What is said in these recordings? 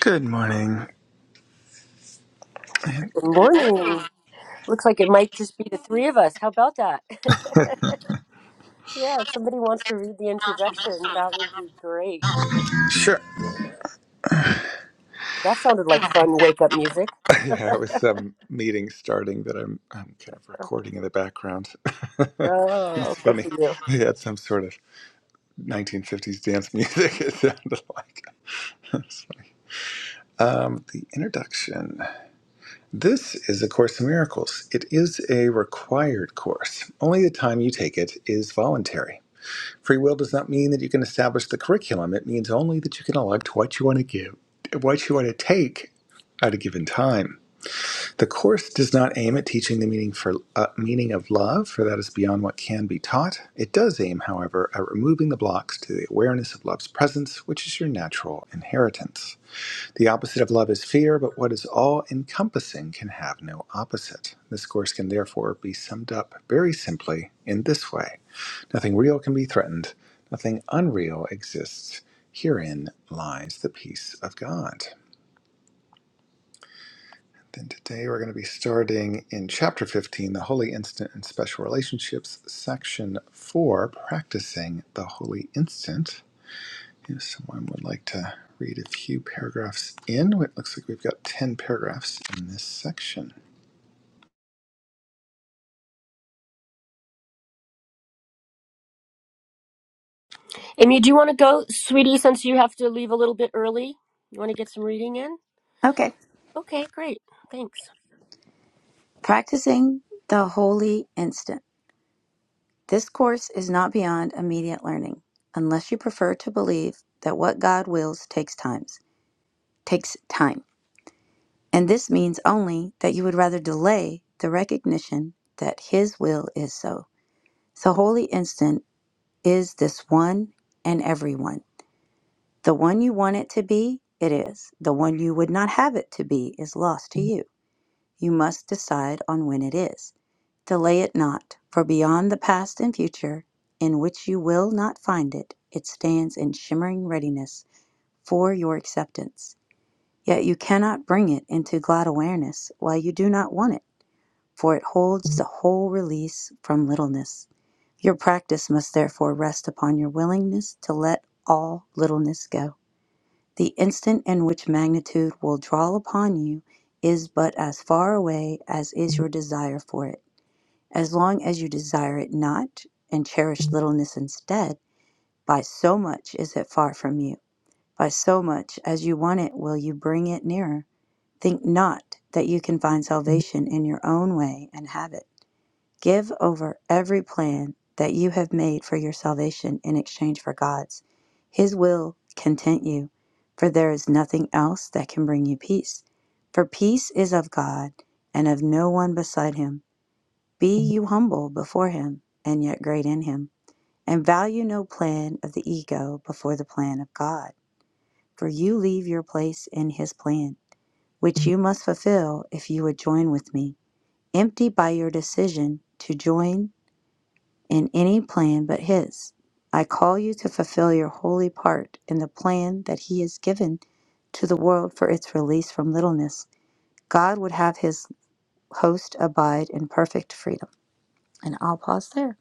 Good morning. Good morning. Looks like it might just be the three of us. How about that? yeah, if somebody wants to read the introduction, that would be great. Sure. That sounded like fun wake up music. Yeah, it was some meeting starting that I'm I'm kind of recording in the background. it's Oh, good funny. for you. They had some sort of 1950s dance music. It sounded like. It's funny. Um, the introduction. This is A Course in Miracles. It is a required course. Only the time you take it is voluntary. Free will does not mean that you can establish the curriculum. It means only that you can elect what you want to give, what you want to take at a given time. The course does not aim at teaching the meaning for uh, meaning of love, for that is beyond what can be taught. It does aim, however, at removing the blocks to the awareness of love's presence, which is your natural inheritance. The opposite of love is fear, but what is all encompassing can have no opposite. This course can therefore be summed up very simply in this way. Nothing real can be threatened. Nothing unreal exists. Herein lies the peace of God. Then today we're going to be starting in chapter 15, the Holy Instant and Special Relationships, section 4, practicing the Holy Instant. If someone would like to read a few paragraphs in, well, it looks like we've got 10 paragraphs in this section. Amy, do you want to go, sweetie, since you have to leave a little bit early? You want to get some reading in? Okay. Okay, great. Thanks. Practicing the holy instant. This course is not beyond immediate learning, unless you prefer to believe that what God wills takes times takes time. And this means only that you would rather delay the recognition that his will is so. The holy instant is this one and every one. The one you want it to be, it is. The one you would not have it to be is lost to you. You must decide on when it is. Delay it not, for beyond the past and future, in which you will not find it, it stands in shimmering readiness for your acceptance. Yet you cannot bring it into glad awareness while you do not want it, for it holds the whole release from littleness. Your practice must therefore rest upon your willingness to let all littleness go. The instant in which magnitude will draw upon you is but as far away as is your desire for it. As long as you desire it not, and cherish littleness instead, by so much is it far from you. By so much as you want it will you bring it nearer. Think not that you can find salvation in your own way and have it. Give over every plan that you have made for your salvation in exchange for God's. His will content you, for there is nothing else that can bring you peace. For peace is of God and of no one beside him. Be you humble before him and yet great in him, and value no plan of the ego before the plan of God. For you leave your place in his plan, which you must fulfill if you would join with me. Empty by your decision to join in any plan but His. I call you to fulfill your holy part in the plan that He has given to the world for its release from littleness. God would have His host abide in perfect freedom. And I'll pause there.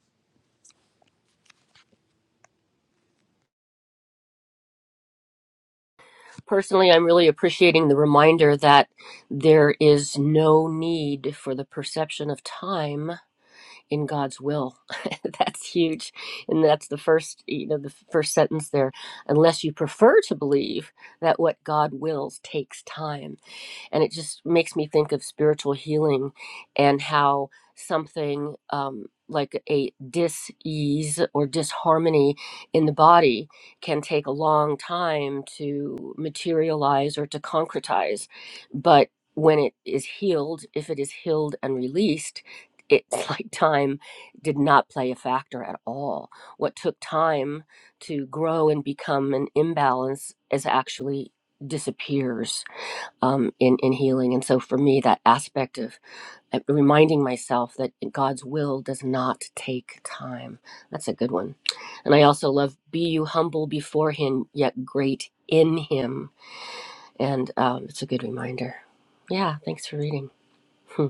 Personally, I'm really appreciating the reminder that there is no need for the perception of time in God's will. that's huge. And that's the first, you know, the first sentence there. Unless you prefer to believe that what God wills takes time and it just makes me think of spiritual healing and how something um, like a dis-ease or disharmony in the body can take a long time to materialize or to concretize but when it is healed if it is healed and released it's like time did not play a factor at all what took time to grow and become an imbalance is actually disappears um, in in healing. And so for me, that aspect of uh, reminding myself that God's will does not take time. That's a good one. And I also love be you humble before Him, yet great in Him. And um, it's a good reminder. Yeah, thanks for reading. Hmm.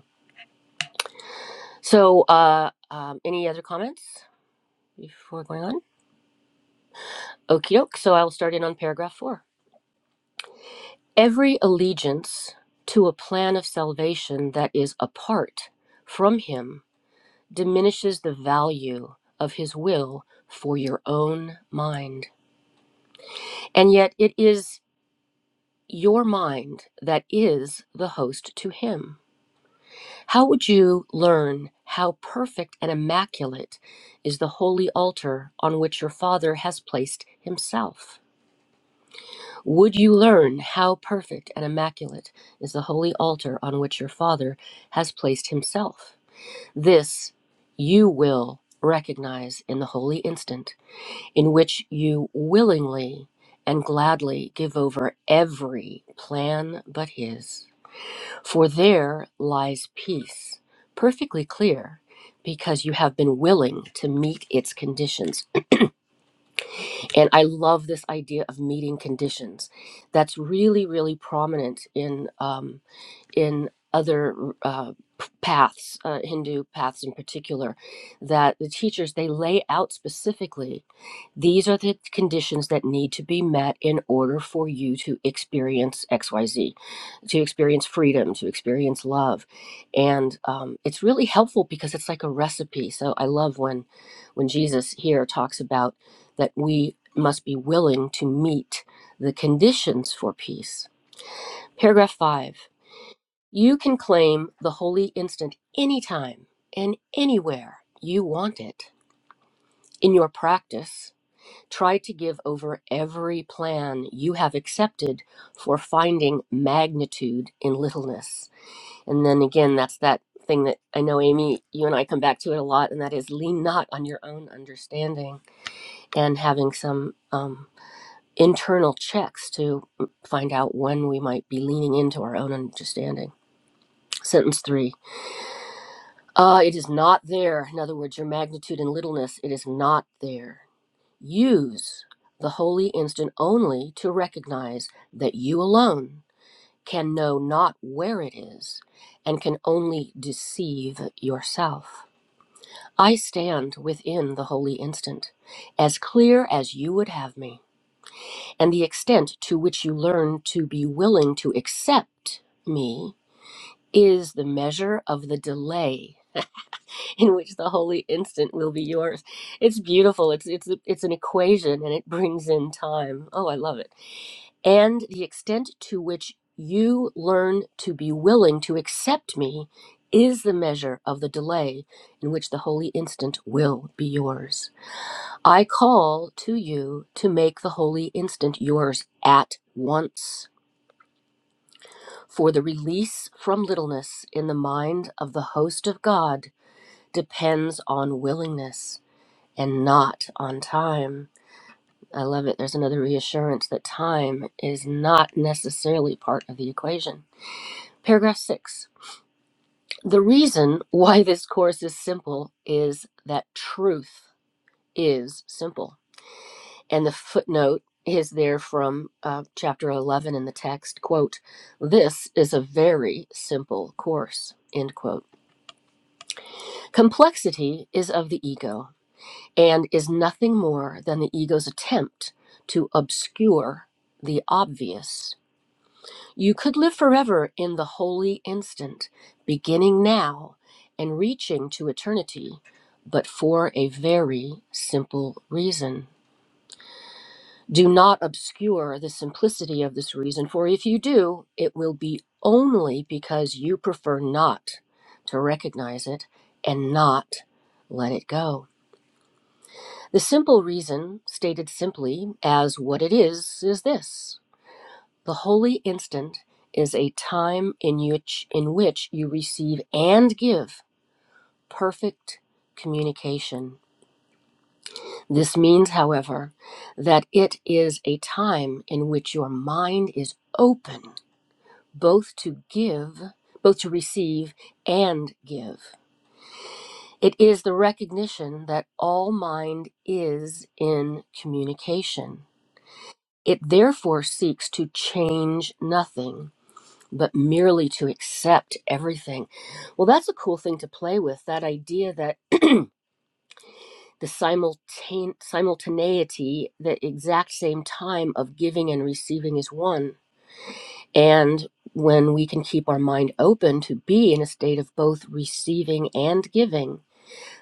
So, uh, um, any other comments before going on? Okie doke. So I'll start in on paragraph four. Every allegiance to a plan of salvation that is apart from Him diminishes the value of his will for your own mind. And yet, it is your mind that is the host to him. How would you learn how perfect and immaculate is the holy altar on which your Father has placed himself? Would you learn how perfect and immaculate is the holy altar on which your Father has placed himself? This you will recognize in the holy instant in which you willingly and gladly give over every plan but his. For there lies peace, perfectly clear, because you have been willing to meet its conditions. And I love this idea of meeting conditions. That's really, really prominent in. Um, in other uh, paths, uh, Hindu paths in particular, that the teachers they lay out specifically these are the conditions that need to be met in order for you to experience XYZ, to experience freedom, to experience love. And um, it's really helpful because it's like a recipe. So I love when, when Jesus here talks about that we must be willing to meet the conditions for peace. Paragraph five. You can claim the holy instant anytime and anywhere you want it. In your practice, try to give over every plan you have accepted for finding magnitude in littleness. And then again, that's that thing that I know, Amy, you and I come back to it a lot, and that is lean not on your own understanding and having some um, internal checks to mm, find out when we might be leaning into our own understanding. Sentence three Uh, it is not there. In other words, your magnitude and littleness, it is not there. Use the holy instant only to recognize that you alone can know not where it is and can only deceive yourself. I stand within the holy instant, as clear as you would have me, and the extent to which you learn to be willing to accept me is the measure of the delay in which the holy instant will be yours. It's beautiful. It's it's it's an equation and it brings in time. Oh, I love it. And the extent to which you learn to be willing to accept me is the measure of the delay in which the holy instant will be yours. I call to you to make the holy instant yours at once. For the release from littleness in the mind of the host of God depends on willingness. and not on time. I love it. There's another reassurance that time is not necessarily part of the equation. Paragraph six. The reason why this course is simple is that truth is simple. And the footnote is there from uh, chapter 11 in the text quote this is a very simple course end quote complexity is of the ego and is nothing more than the ego's attempt to obscure the obvious. You could live forever in the holy instant, beginning now and reaching to eternity, but for a very simple reason. Do not obscure the simplicity of this reason, for if you do, it will be only because you prefer not to recognize it and not let it go. The simple reason, stated simply as what it is, is this the holy instant is a time in which, in which you receive and give perfect communication. This means, however, that it is a time in which your mind is open both to give, both to receive and give. It is the recognition that all mind is in communication It therefore seeks to change nothing, but merely to accept everything. Well, that's a cool thing to play with that idea that the simultane- simultaneity, the exact same time of giving and receiving is one. And when we can keep our mind open to be in a state of both receiving and giving,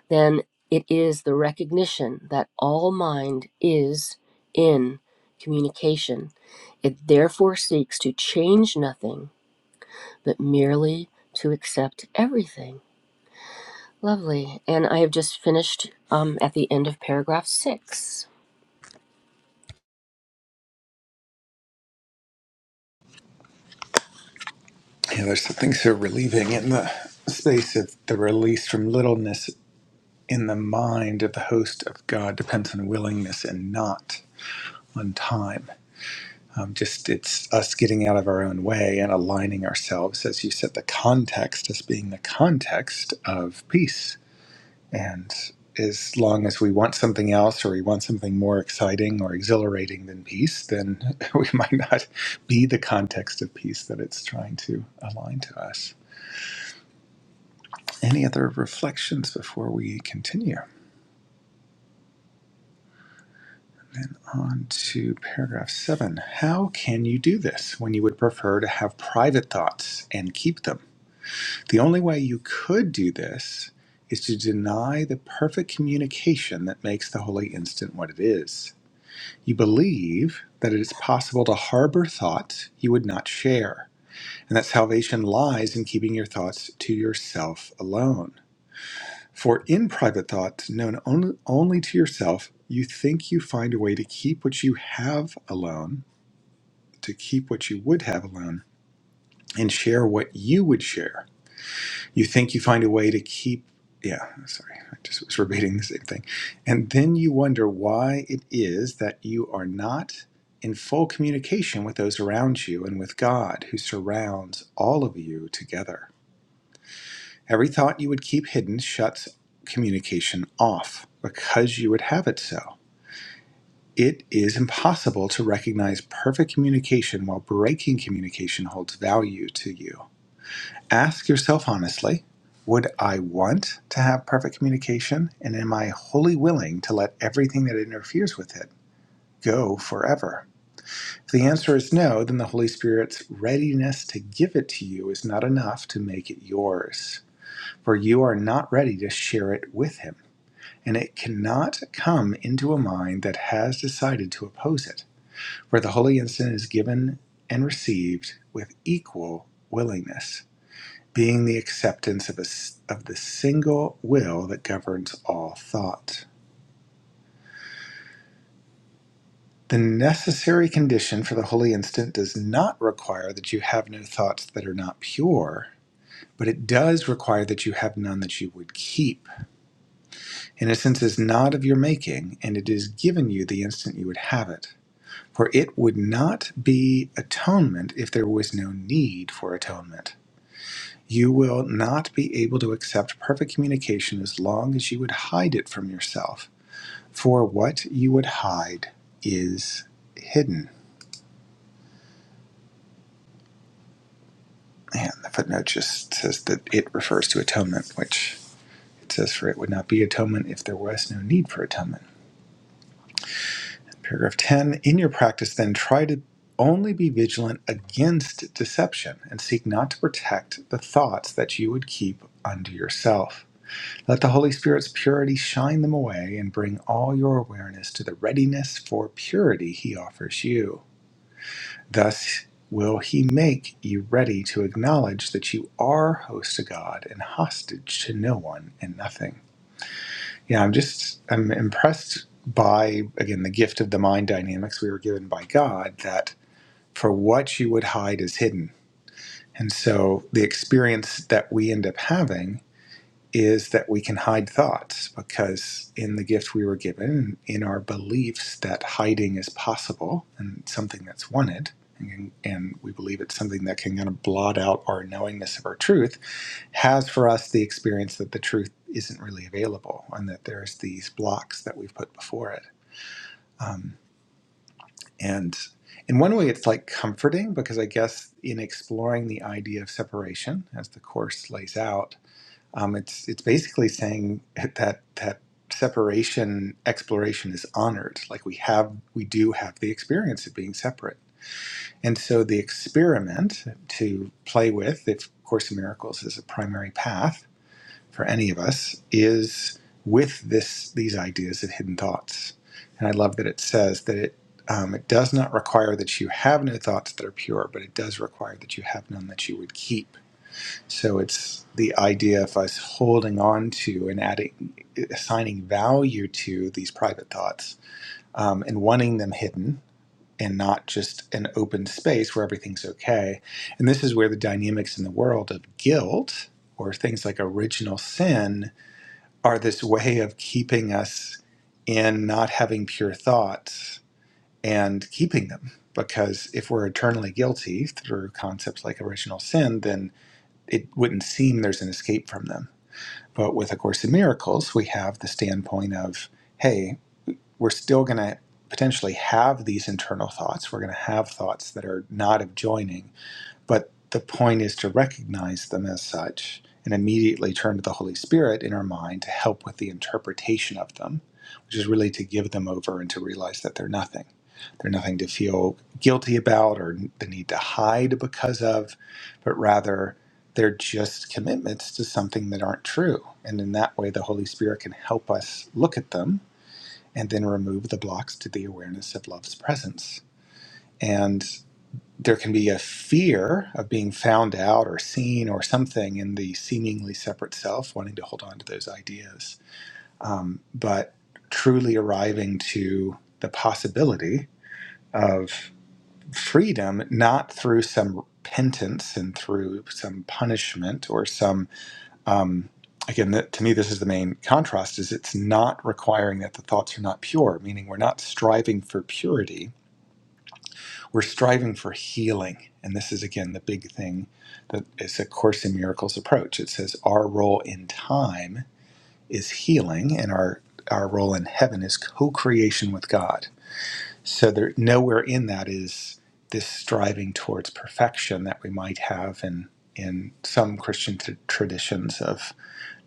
then it is the recognition that all mind is in communication. It therefore seeks to change nothing, but merely to accept everything. Lovely. And I have just finished um, at the end of paragraph six. Yeah, there's something so relieving in the space of the release from littleness in the mind of the host of God depends on willingness and not on time. Um, just it's us getting out of our own way and aligning ourselves, as you said, the context as being the context of peace. And as long as we want something else or we want something more exciting or exhilarating than peace, then we might not be the context of peace that it's trying to align to us. Any other reflections before we continue? Then on to paragraph seven. How can you do this when you would prefer to have private thoughts and keep them? The only way you could do this is to deny the perfect communication that makes the holy instant what it is. You believe that it is possible to harbor thoughts you would not share, and that salvation lies in keeping your thoughts to yourself alone. For in private thoughts, known only, only to yourself, you think you find a way to keep what you have alone, to keep what you would have alone, and share what you would share. You think you find a way to keep, yeah, sorry, I just was repeating the same thing. And then you wonder why it is that you are not in full communication with those around you and with God who surrounds all of you together. Every thought you would keep hidden shuts communication off because you would have it so. It is impossible to recognize perfect communication while breaking communication holds value to you. Ask yourself honestly Would I want to have perfect communication? And am I wholly willing to let everything that interferes with it go forever? If the answer is no, then the Holy Spirit's readiness to give it to you is not enough to make it yours, for you are not ready to share it with Him. and it cannot come into a mind that has decided to oppose it, for the holy instant is given and received with equal willingness, being the acceptance of, a s of the single will that governs all thought. The necessary condition for the holy instant does not require that you have no thoughts that are not pure, but it does require that you have none that you would keep. Innocence is not of your making, and it is given you the instant you would have it. For it would not be atonement if there was no need for atonement. You will not be able to accept perfect communication as long as you would hide it from yourself. For what you would hide is hidden. And the footnote just says that it refers to atonement, which it says for it would not be atonement if there was no need for atonement. Paragraph 10 In your practice, then, try to only be vigilant against deception and seek not to protect the thoughts that you would keep unto yourself. Let the Holy Spirit's purity shine them away and bring all your awareness to the readiness for purity he offers you. Thus will he make you ready to acknowledge that you are host to God and hostage to no one and nothing. Yeah, I'm just I'm impressed by again the gift of the mind dynamics we were given by God that for what you would hide is hidden. And so the experience that we end up having is that we can hide thoughts because in the gift we were given, in our beliefs that hiding is possible and something that's wanted, and, and we believe it's something that can kind of blot out our knowingness of our truth has for us the experience that the truth isn't really available and that there's these blocks that we've put before it. Um, and in one way, it's like comforting because I guess in exploring the idea of separation, as the course lays out, um, it's it's basically saying that that separation exploration is honored. Like we have, we do have the experience of being separate, and so the experiment to play with, if Course in Miracles is a primary path, for any of us is with this these ideas of hidden thoughts. And I love that it says that it um, it does not require that you have no thoughts that are pure, but it does require that you have none that you would keep. So it's the idea of us holding on to and adding, assigning value to these private thoughts um, and wanting them hidden and not just an open space where everything's okay. And this is where the dynamics in the world of guilt or things like original sin are this way of keeping us in not having pure thoughts and keeping them. Because if we're eternally guilty through concepts like original sin, then it wouldn't seem there's an escape from them. But with A Course in Miracles, we have the standpoint of, hey, we're still going to potentially have these internal thoughts. We're going to have thoughts that are not of joining but the point is to recognize them as such and immediately turn to the Holy Spirit in our mind to help with the interpretation of them, which is really to give them over and to realize that they're nothing. They're nothing to feel guilty about or the need to hide because of, but rather they're just commitments to something that aren't true. And in that way, the Holy Spirit can help us look at them and then remove the blocks to the awareness of love's presence. and there can be a fear of being found out or seen or something in the seemingly separate self, wanting to hold on to those ideas. Um, but truly arriving to the possibility of freedom, not through some repentance and through some punishment or some. Um, Again, that, to me, this is the main contrast: is it's not requiring that the thoughts are not pure, meaning we're not striving for purity, we're striving for healing. And this is, again, the big thing that is a Course in Miracles approach. It says our role in time is healing, and our, our role in heaven is co creation with God. So, there, nowhere in that is this striving towards perfection that we might have in, in some Christian t- traditions of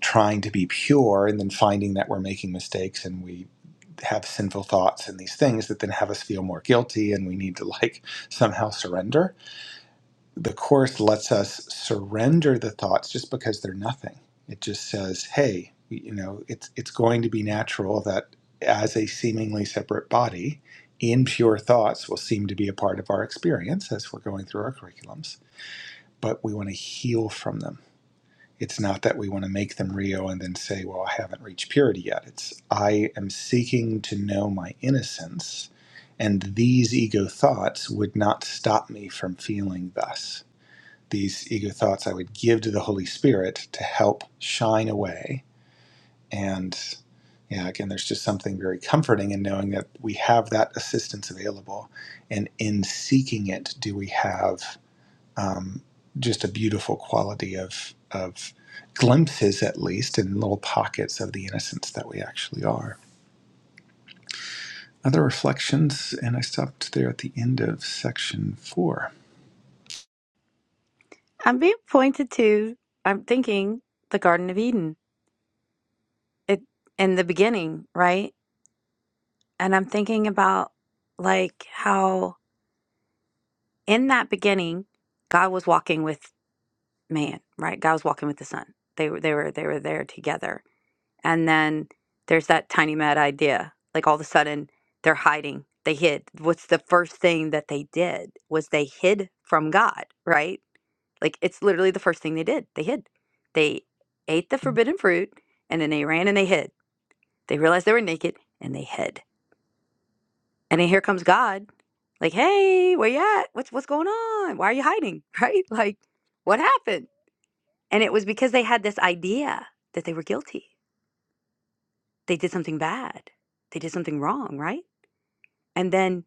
trying to be pure and then finding that we're making mistakes and we have sinful thoughts and these things that then have us feel more guilty and we need to like somehow surrender. The Course lets us surrender the thoughts just because they're nothing. It just says, hey, you know, it's, it's going to be natural that as a seemingly separate body, impure thoughts will seem to be a part of our experience as we're going through our curriculums, but we want to heal from them it's not that we want to make them Rio and then say, well, I haven't reached purity yet. It's, I am seeking to know my innocence, and these ego thoughts would not stop me from feeling thus. These ego thoughts I would give to the Holy Spirit to help shine away. And yeah, again, there's just something very comforting in knowing that we have that assistance available. And in seeking it, do we have um, just a beautiful quality of of glimpses, at least in little pockets of the innocence that we actually are. Other reflections, and I stopped there at the end of section four. I'm being pointed to, I'm thinking the Garden of Eden it, in the beginning, right? And I'm thinking about like how in that beginning, God was walking with man, right? God was walking with the son. They were, they were, they were there together. and then there's that tiny mad idea like all of a sudden they're hiding they hid what's the first thing that they did was they hid from god right like it's literally the first thing they did they hid they ate the Mm. forbidden fruit and then they ran and they hid they realized they were naked and they hid and then here comes god like hey where you at what's what's going on why are you hiding right like what happened and it was because they had this idea that they were guilty they did something bad. They did something wrong, right? And then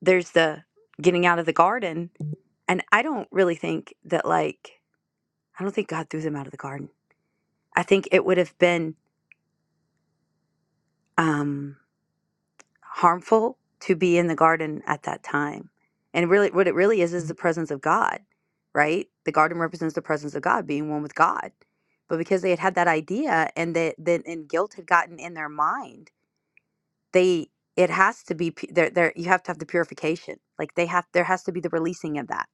there's the getting out of the garden. And I don't really think that, like, I don't think God threw them out of the garden. I think it would have been um, harmful to be in the garden at that time. And really, what it really is is the presence of God, right? The garden represents the presence of God, being one with God. But because they had had that idea and that then and guilt had gotten in their mind they it has to be pu- there there you have to have the purification like they have there has to be the releasing of that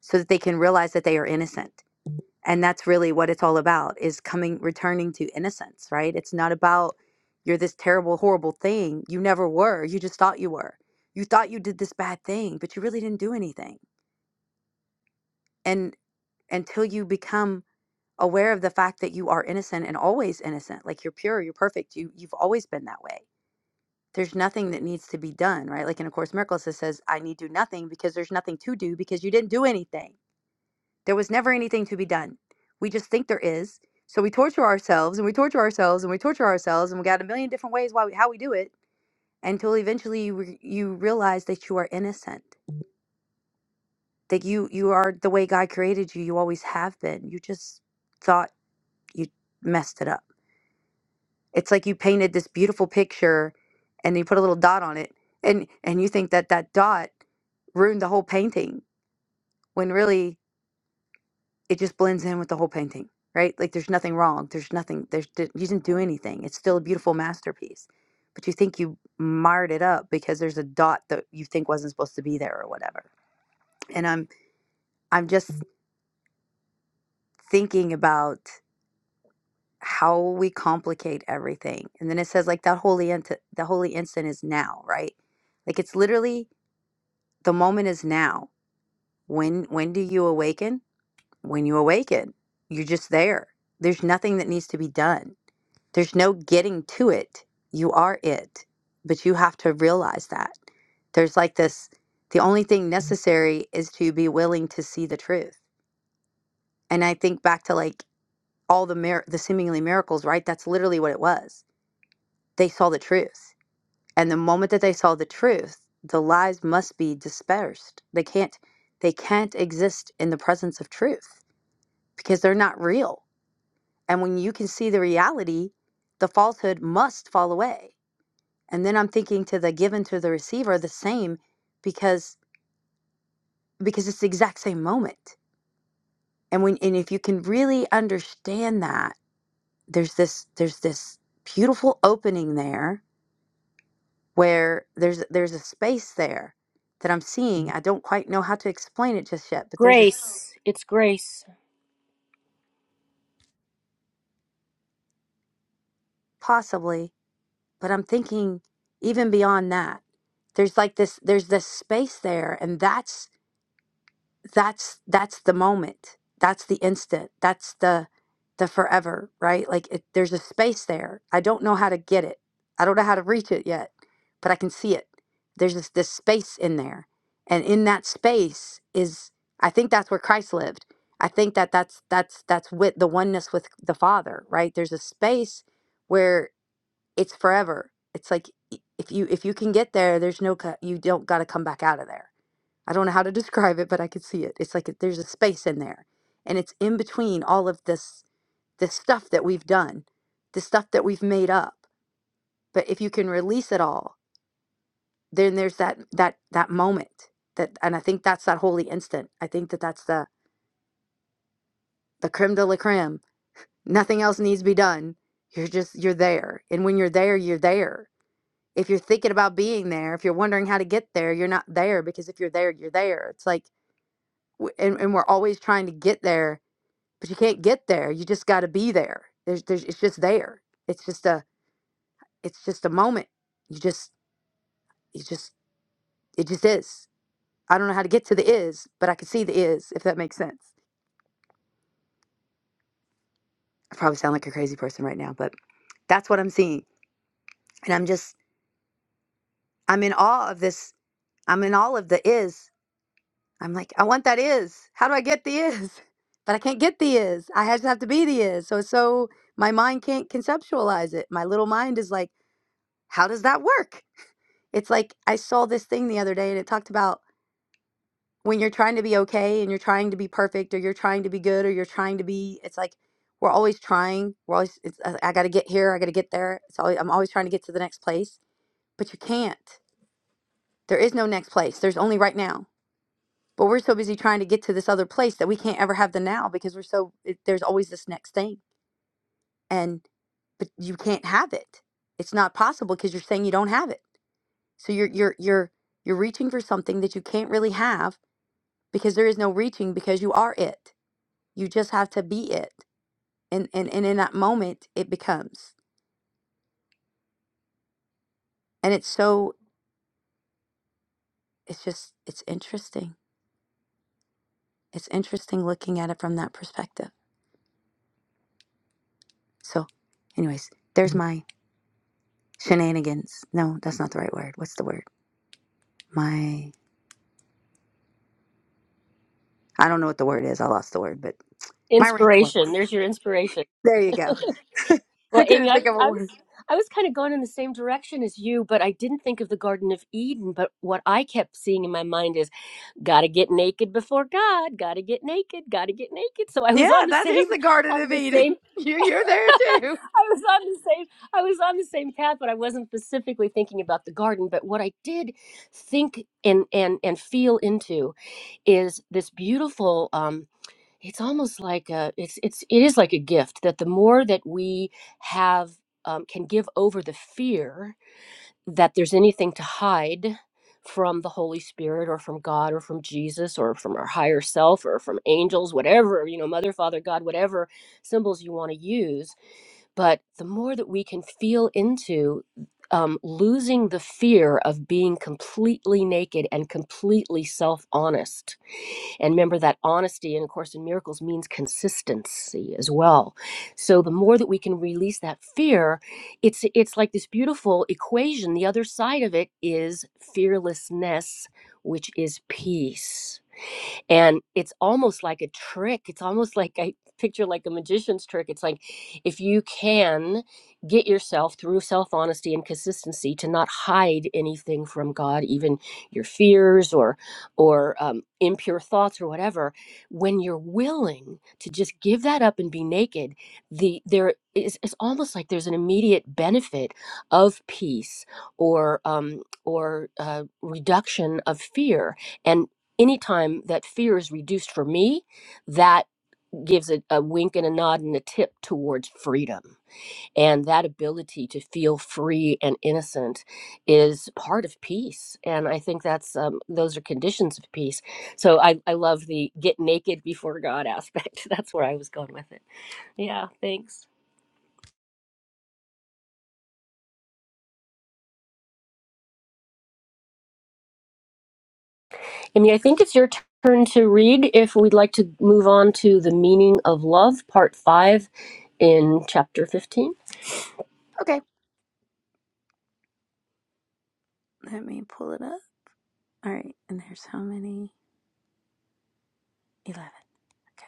so that they can realize that they are innocent and that's really what it's all about is coming returning to innocence right it's not about you're this terrible horrible thing you never were you just thought you were you thought you did this bad thing but you really didn't do anything and until you become aware of the fact that you are innocent and always innocent like you're pure you're perfect you you've always been that way there's nothing that needs to be done, right? Like in A Course in Miracles, it says, I need do nothing because there's nothing to do because you didn't do anything. There was never anything to be done. We just think there is. So we torture ourselves and we torture ourselves and we torture ourselves and we got a million different ways why we, how we do it until eventually you, re- you realize that you are innocent, that you, you are the way God created you. You always have been. You just thought you messed it up. It's like you painted this beautiful picture and you put a little dot on it and and you think that that dot ruined the whole painting when really it just blends in with the whole painting, right? Like there's nothing wrong. There's nothing there's d- you didn't do anything. It's still a beautiful masterpiece. But you think you marred it up because there's a dot that you think wasn't supposed to be there or whatever. And I'm I'm just thinking about how we complicate everything. And then it says like that holy int- the holy instant is now, right? Like it's literally the moment is now when when do you awaken when you awaken you're just there there's nothing that needs to be done there's no getting to it you are it but you have to realize that there's like this the only thing necessary is to be willing to see the truth and i think back to like all the mir- the seemingly miracles right that's literally what it was they saw the truth And the moment that they saw the truth, the lies must be dispersed. They can't they can't exist in the presence of truth because they're not real. And when you can see the reality, the falsehood must fall away. And then I'm thinking to the given to the receiver the same because because it's the exact same moment. And when and if you can really understand that, there's this there's this beautiful opening there where there's there's a space there that I'm seeing. I don't quite know how to explain it just yet, but there's a s- Grace. It's grace. possibly, but I'm thinking even beyond that. There's like this there's this space there and that's that's that's the moment that's the instant that's the the forever right like it, there's a space there i don't know how to get it i don't know how to reach it yet but i can see it there's this, this space in there and in that space is i think that's where christ lived i think that that's that's that's with the oneness with the father right there's a space where it's forever it's like i- if you if you can get there there's no co- you don't got to come back out of there I don't know how to describe it, but I could see it. It's like it- there's a space in there, and it's in between all of this this stuff that we've done, the stuff that we've made up. But if you can release it all, then there's that that that moment that, and I think that's that holy instant. I think that that's the the creme de la creme. Nothing else needs to be done. You're just you're there, and when you're there, you're there. If you're thinking about being there, if you're wondering how to get there, you're not there because if you're there, you're there. It's like, w- and, and we're always trying to get there but you can't get there. You just got to be there. There's, there's, it's just there. It's just a, it's just a moment. You just, you just, it just is. I don't know how to get to the is, but I can see the is, if that makes sense. I probably sound like a crazy person right now, but that's what I'm seeing. And I'm just, I'm in awe of this. I'm in all of the is. I'm like, I want that is. How do I get the is? But I can't get the is. I just have to be the is. So, it's so my mind can't conceptualize it. My little mind is like, how does that work? It's like I saw this thing the other day and it talked about when you're trying to be okay and you're trying to be perfect or you're trying to be good or you're trying to be it's like we're always trying. We're always it's I, I got to get here, I got to get there. It's always I'm always trying to get to the next place, but you can't. There is no next place. There's only right now. But we're so busy trying to get to this other place that we can't ever have the now because we're so it, there's always this next thing. And but you can't have it. It's not possible because you're saying you don't have it. So you're you're you're you're reaching for something that you can't really have because there is no reaching because you are it. You just have to be it. And and, and in that moment it becomes. And it's so it's just it's interesting. It's interesting looking at it from that perspective. So anyways, there's my shenanigans. No, that's not the right word. What's the word? My I don't know what the word is. I lost the word, but my Inspiration. ramblings. There's your inspiration. There you go. Well, I Amy, couldn't I, think of a I word. was I was kind of going in the same direction as you, but I didn't think of the Garden of Eden. But what I kept seeing in my mind is Got to get naked before God. Got to get naked. Got to get naked. So I Yeah, was on the that is same the Garden on of the Eden. same You you're there too. I was on the same I was on the same path, but I wasn't specifically thinking about the garden. But what I did think and and and feel into is this beautiful um it's almost like a it's it's it is like a gift that the more that we have um, can give over the fear that there's anything to hide from the Holy Spirit or from God or from Jesus or from our higher self or from angels, whatever, you know, Mother, Father, God, whatever symbols you want to use. But the more that we can feel into um, losing the fear of being completely naked and completely self honest and remember that honesty, and of course, in miracles means consistency as well. So the more that we can release that fear, it's it's like this beautiful equation. The other side of it is fearlessness, which is peace and it's almost like a trick it's almost like i picture like a magician's trick it's like if you can get yourself through self-honesty and consistency to not hide anything from god even your fears or or um, impure thoughts or whatever when you're willing to just give that up and be naked the there is it's almost like there's an immediate benefit of peace or um or uh, reduction of fear and anytime that fear is reduced for me, that gives a, a wink and a nod and a tip towards freedom. And that ability to feel free and innocent is part of peace. And I think that's um, those are conditions of peace. So I, I love the get naked before God aspect. That's where I was going with it. Yeah, thanks. I mean, I think it's your turn to read if we'd like to move on to the meaning of love, part five in chapter 15. Okay. Let me pull it up. All right. And there's how many? 11. Okay.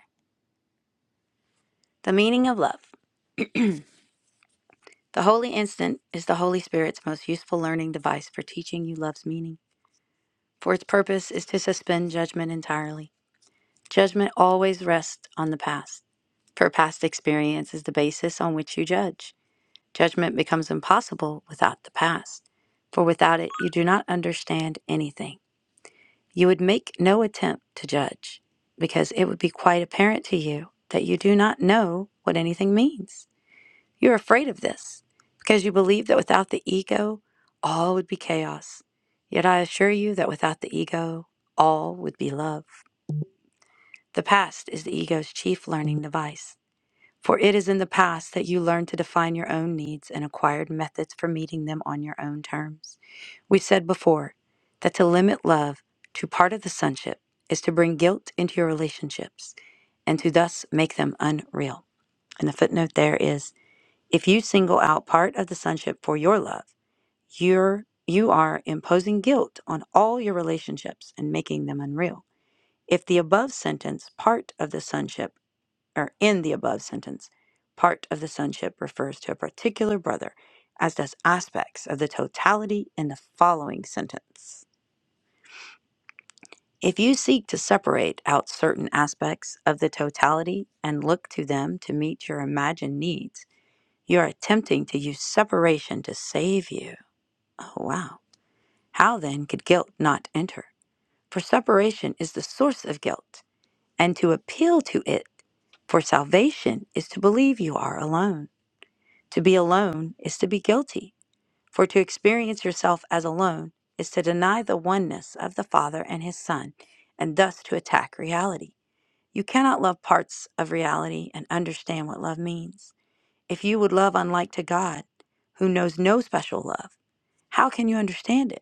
The meaning of love. The holy instant is the Holy Spirit's most useful learning device for teaching you love's meaning, for its purpose is to suspend judgment entirely. Judgment always rests on the past, for past experience is the basis on which you judge. Judgment becomes impossible without the past, for without it you do not understand anything. You would make no attempt to judge, because it would be quite apparent to you that you do not know what anything means. You're afraid of this because you believe that without the ego, all would be chaos. Yet I assure you that without the ego, all would be love. The past is the ego's chief learning device, for it is in the past that you learn to define your own needs and acquired methods for meeting them on your own terms. We said before that to limit love to part of the sonship is to bring guilt into your relationships and to thus make them unreal. And the footnote there is if you single out part of the sonship for your love, you're you are imposing guilt on all your relationships and making them unreal. If the above sentence, part of the sonship, or in the above sentence, part of the sonship refers to a particular brother, as does aspects of the totality in the following sentence. If you seek to separate out certain aspects of the totality and look to them to meet your imagined needs, you are attempting to use separation to save you. Oh, wow. How then could guilt not enter? For separation is the source of guilt, and to appeal to it for salvation is to believe you are alone. To be alone is to be guilty, for to experience yourself as alone is to deny the oneness of the Father and His Son, and thus to attack reality. You cannot love parts of reality and understand what love means. If you would love unlike to God, who knows no special love, how can you understand it?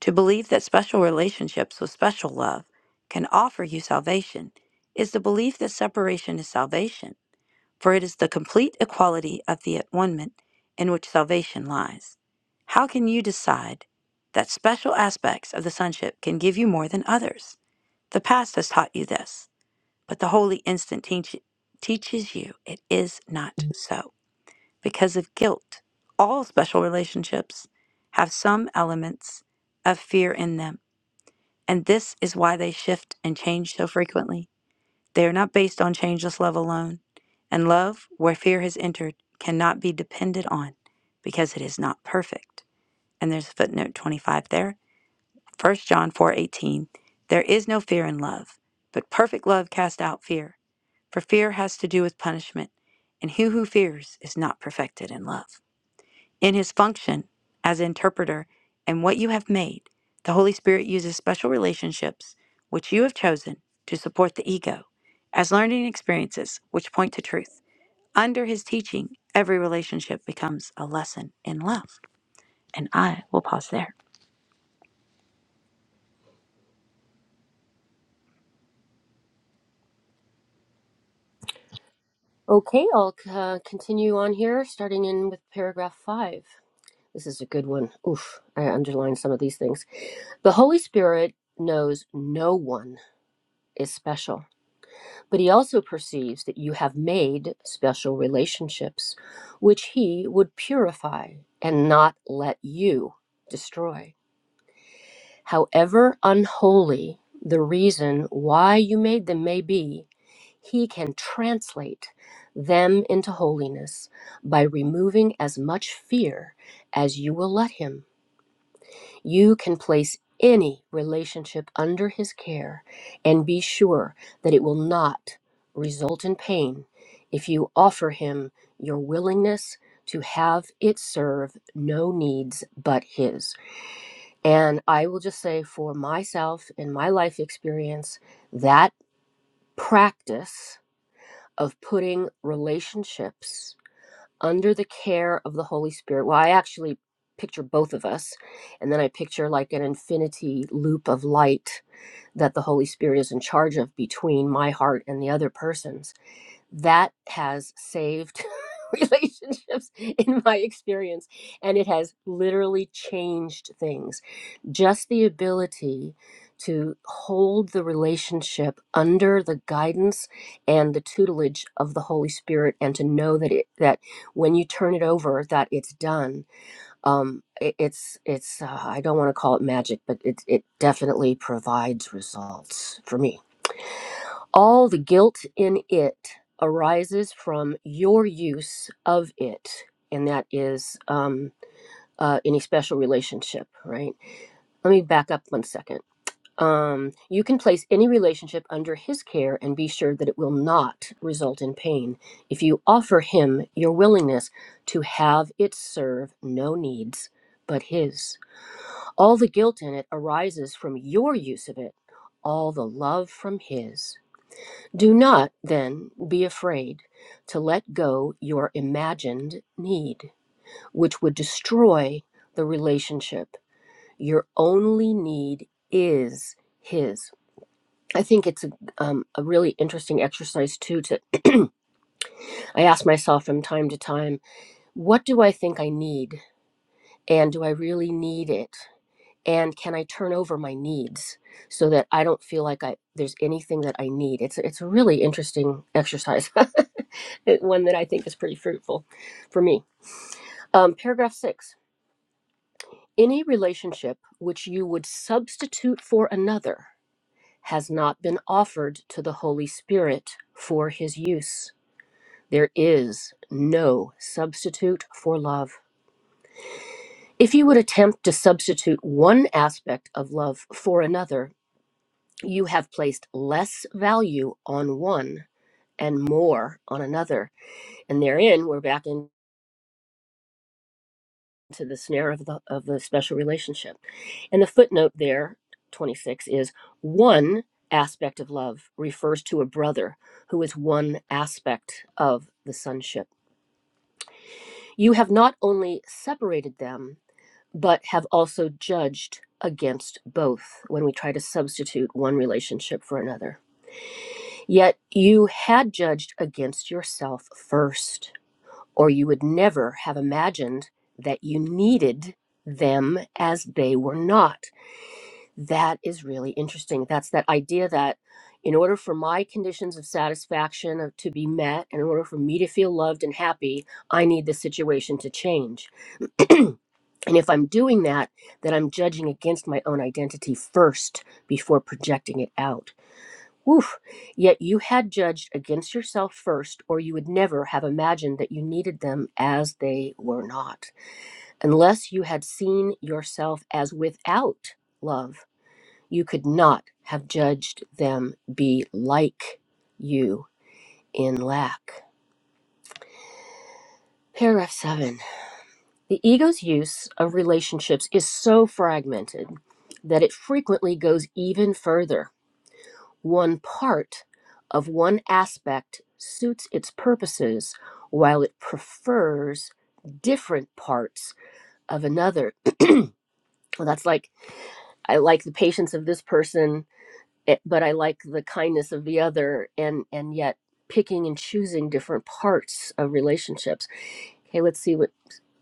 To believe that special relationships with special love can offer you salvation is the belief that separation is salvation, for it is the complete equality of the at one in which salvation lies. How can you decide that special aspects of the sonship can give you more than others? The past has taught you this, but the holy instant teach- teaches you it is not so. Because of guilt, all special relationships have some elements of fear in them and this is why they shift and change so frequently. They are not based on changeless love alone. And love, where fear has entered, cannot be depended on because it is not perfect. And there's footnote 25 there. First John 4:18 There is no fear in love, but perfect love casts out fear, for fear has to do with punishment, and he who fears is not perfected in love. In his function as interpreter and what you have made, the Holy Spirit uses special relationships which you have chosen to support the ego as learning experiences which point to truth. Under his teaching, every relationship becomes a lesson in love. And I will pause there. Okay, I'll uh, continue on here, starting in with paragraph five. This is a good one. Oof, I underlined some of these things. The Holy Spirit knows no one is special, but he also perceives that you have made special relationships, which he would purify and not let you destroy. However unholy the reason why you made them may be, he can translate them into holiness by removing as much fear as you will let him. You can place any relationship under his care and be sure that it will not result in pain if you offer him your willingness to have it serve no needs but his. And I will just say for myself in my life experience, that practice of putting relationships under the care of the Holy Spirit. Well, I actually picture both of us, and then I picture like an infinity loop of light that the Holy Spirit is in charge of between my heart and the other person's that has saved relationships in my experience and it has literally changed things just the ability to hold the relationship under the guidance and the tutelage of the holy spirit and to know that it that when you turn it over that it's done um it, it's it's uh, i don't want to call it magic but it it definitely provides results for me all the guilt in it arises from your use of it, and that is um, uh, any special relationship, right? Let me back up one second. Um, you can place any relationship under his care and be sure that it will not result in pain if you offer him your willingness to have it serve no needs but his. All the guilt in it arises from your use of it, all the love from his. Do not, then, be afraid to let go your imagined need, which would destroy the relationship. Your only need is His. I think it's a, um, a really interesting exercise, too. To I ask myself from time to time, what do I think I need? And do I really need it? And can I turn over my needs so that I don't feel like I, there's anything that I need? It's, it's a really interesting exercise. it- one that I think is pretty fruitful for me. Um, paragraph six Any relationship which you would substitute for another has not been offered to the Holy Spirit for his use. There is no substitute for love. If you would attempt to substitute one aspect of love for another, you have placed less value on one and more on another. And therein, we're back in. to the snare of the of the special relationship. And the footnote there, 26, is one aspect of love refers to a brother who is one aspect of the sonship. You have not only separated them, but have also judged against both when we try to substitute one relationship for another. Yet you had judged against yourself first or you would never have imagined that you needed them as they were not. That is really interesting. That's that idea that in order for my conditions of satisfaction of- to be met, in order for me to feel loved and happy, I need the situation to change. And if I'm doing that, then I'm judging against my own identity first before projecting it out. Woof. Yet you had judged against yourself first, or you would never have imagined that you needed them as they were not. Unless you had seen yourself as without love, you could not have judged them be like you in lack. Paragraph 7. The ego's use of relationships is so fragmented that it frequently goes even further. one part of one aspect suits its purposes while it prefers different parts of another. Well, that's like I like the patience of this person, eh, but I like the kindness of the other, and and yet picking and choosing different parts of relationships. Okay, let's see what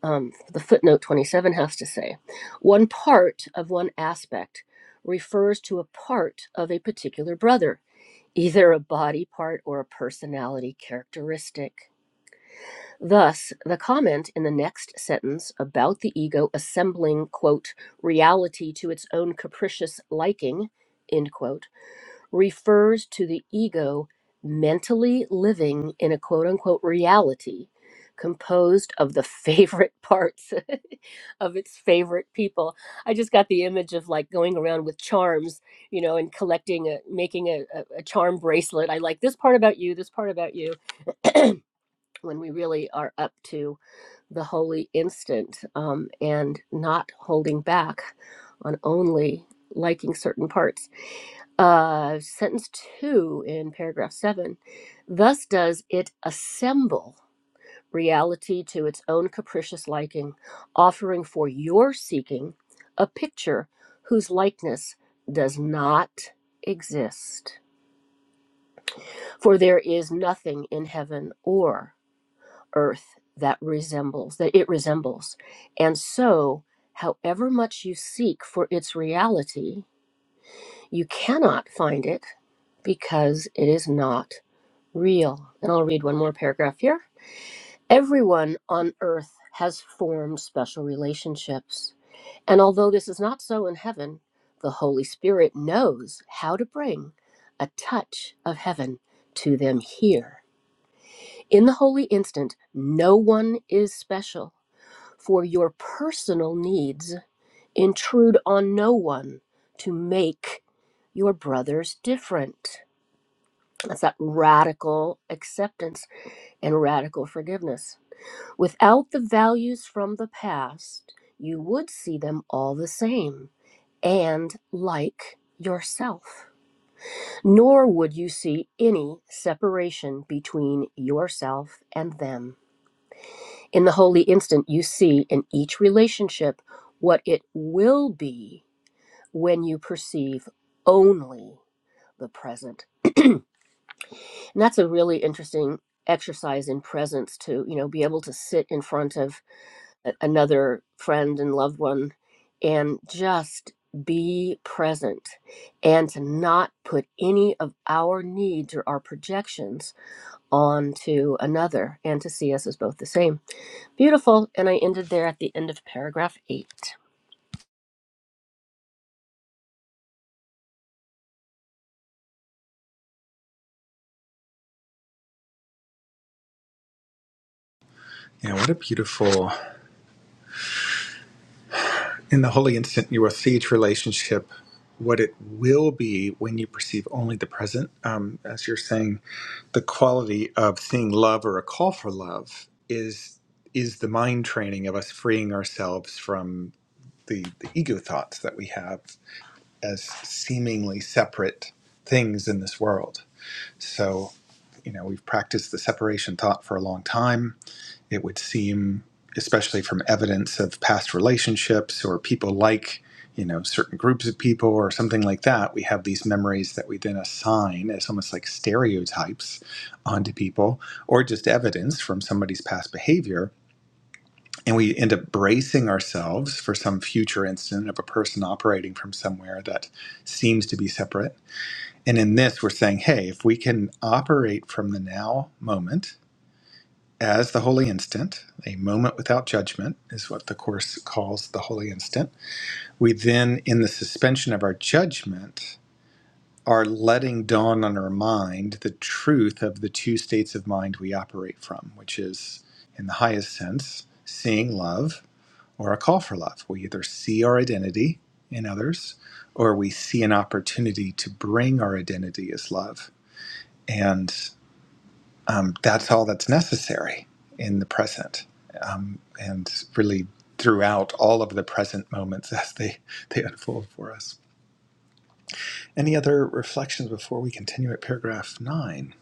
um, the footnote 27 has to say. One part of one aspect refers to a part of a particular brother either a body part or a personality characteristic. Thus, the comment in the next sentence about the ego assembling, quote, reality to its own capricious liking, end quote, refers to the ego mentally living in a quote unquote reality composed of the favorite parts of its favorite people. I just got the image of like going around with charms, you know, and collecting a making a, a, a charm bracelet. I like this part about you, this part about you. when we really are up to the holy instant um, and not holding back on only liking certain parts uh, sentence two in paragraph seven. Thus does it assemble reality to its own capricious liking, offering for your seeking a picture whose likeness does not exist. For there is nothing in heaven or earth that resembles, that it resembles. And so, however much you seek for its reality, you cannot find it because it is not real. And I'll read one more paragraph here. Everyone on earth has formed special relationships. And although this is not so in heaven, the Holy Spirit knows how to bring a touch of heaven to them here. In the holy instant, no one is special, for your personal needs intrude on no one to make your brothers different. That's that radical acceptance and radical forgiveness. Without the values from the past, you would see them all the same and like yourself. Nor would you see any separation between yourself and them. In the holy instant, you see in each relationship what it will be when you perceive only the present. And that's a really interesting exercise in presence to, you know, be able to sit in front of a- another friend and loved one and just be present and to not put any of our needs or our projections onto another and to see us as both the same beautiful and i ended there at the end of paragraph eight Yeah, what a beautiful in the holy instant you will see each relationship what it will be when you perceive only the present. Um, as you're saying, the quality of seeing love or a call for love is is the mind training of us freeing ourselves from the, the ego thoughts that we have as seemingly separate things in this world. So, you know, we've practiced the separation thought for a long time. It would seem, especially from evidence of past relationships or people like, you know, certain groups of people or something like that, we have these memories that we then assign as almost like stereotypes onto people or just evidence from somebody's past behavior and we end up bracing ourselves for some future incident of a person operating from somewhere that seems to be separate. And in this, we're saying, hey, if we can operate from the now moment as the holy instant, a moment without judgment is what the Course calls the holy instant, we then, in the suspension of our judgment, are letting dawn on our mind the truth of the two states of mind we operate from, which is, in the highest sense, seeing love or a call for love. We either see our identity in others or we see an opportunity to bring our identity as love. And um, that's all that's necessary in the present um, and really throughout all of the present moments as they, they unfold for us. Any other reflections before we continue at paragraph nine?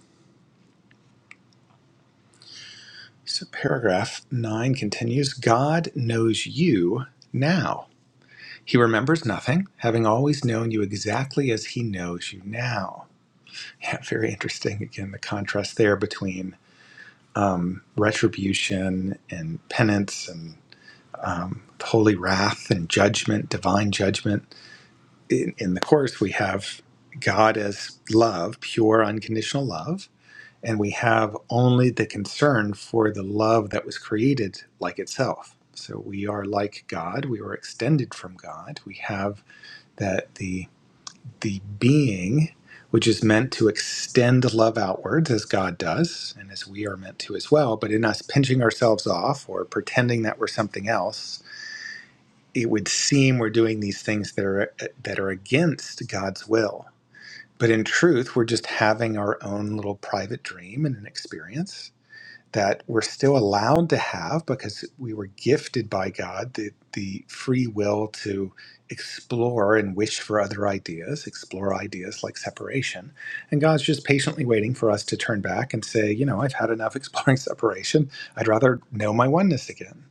So, paragraph nine continues God knows you now. He remembers nothing, having always known you exactly as he knows you now. Yeah, very interesting. Again, the contrast there between um, retribution and penance and um, holy wrath and judgment, divine judgment. In, in the Course, we have God as love, pure, unconditional love, and we have only the concern for the love that was created like itself. So we are like God, we were extended from God. We have that the. the being, which is meant to extend love outwards as God does, and as we are meant to as well. But in us pinching ourselves off or pretending that we're something else, it would seem we're doing these things that are that are against God's will. But in truth, we're just having our own little private dream and an experience that we're still allowed to have because we were gifted by God the, the free will to explore and wish for other ideas, explore ideas like separation. And God's just patiently waiting for us to turn back and say, you know, I've had enough exploring separation. I'd rather know my oneness again.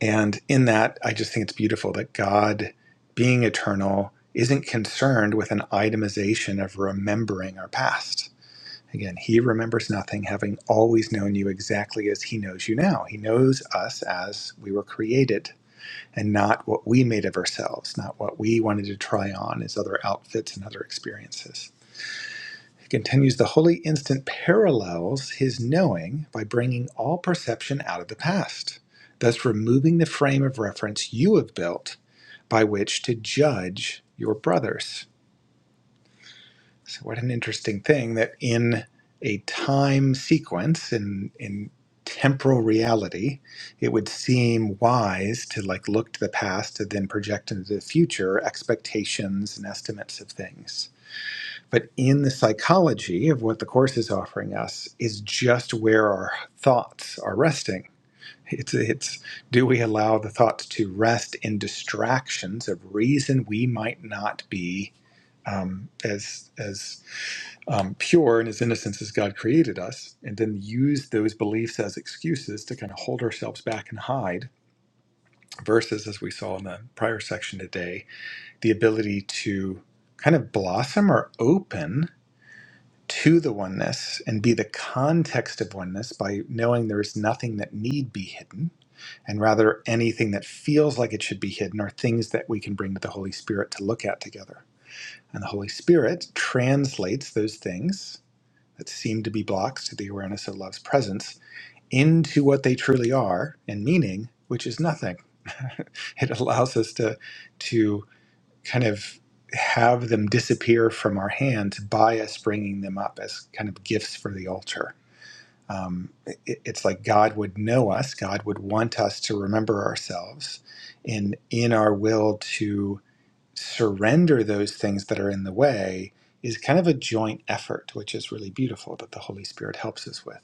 And in that, I just think it's beautiful that God, being eternal, isn't concerned with an itemization of remembering our past Again, he remembers nothing, having always known you exactly as he knows you now. He knows us as we were created and not what we made of ourselves, not what we wanted to try on as other outfits and other experiences. He continues the holy instant parallels his knowing by bringing all perception out of the past, thus removing the frame of reference you have built by which to judge your brothers. So what an interesting thing that in a time sequence in in temporal reality, it would seem wise to like look to the past and then project into the future expectations and estimates of things. But in the psychology of what the course is offering us is just where our thoughts are resting. It's it's do we allow the thoughts to rest in distractions of reason we might not be um, as as um, pure and as innocent as God created us, and then use those beliefs as excuses to kind of hold ourselves back and hide, versus, as we saw in the prior section today, the ability to kind of blossom or open to the oneness and be the context of oneness by knowing there is nothing that need be hidden. And rather, anything that feels like it should be hidden are things that we can bring to the Holy Spirit to look at together. And the Holy Spirit translates those things that seem to be blocks to the awareness of love's presence into what they truly are and meaning, which is nothing. it allows us to to kind of have them disappear from our hands by us bringing them up as kind of gifts for the altar. Um, it, it's like God would know us. God would want us to remember ourselves in in our will to surrender those things that are in the way is kind of a joint effort, which is really beautiful that the Holy Spirit helps us with.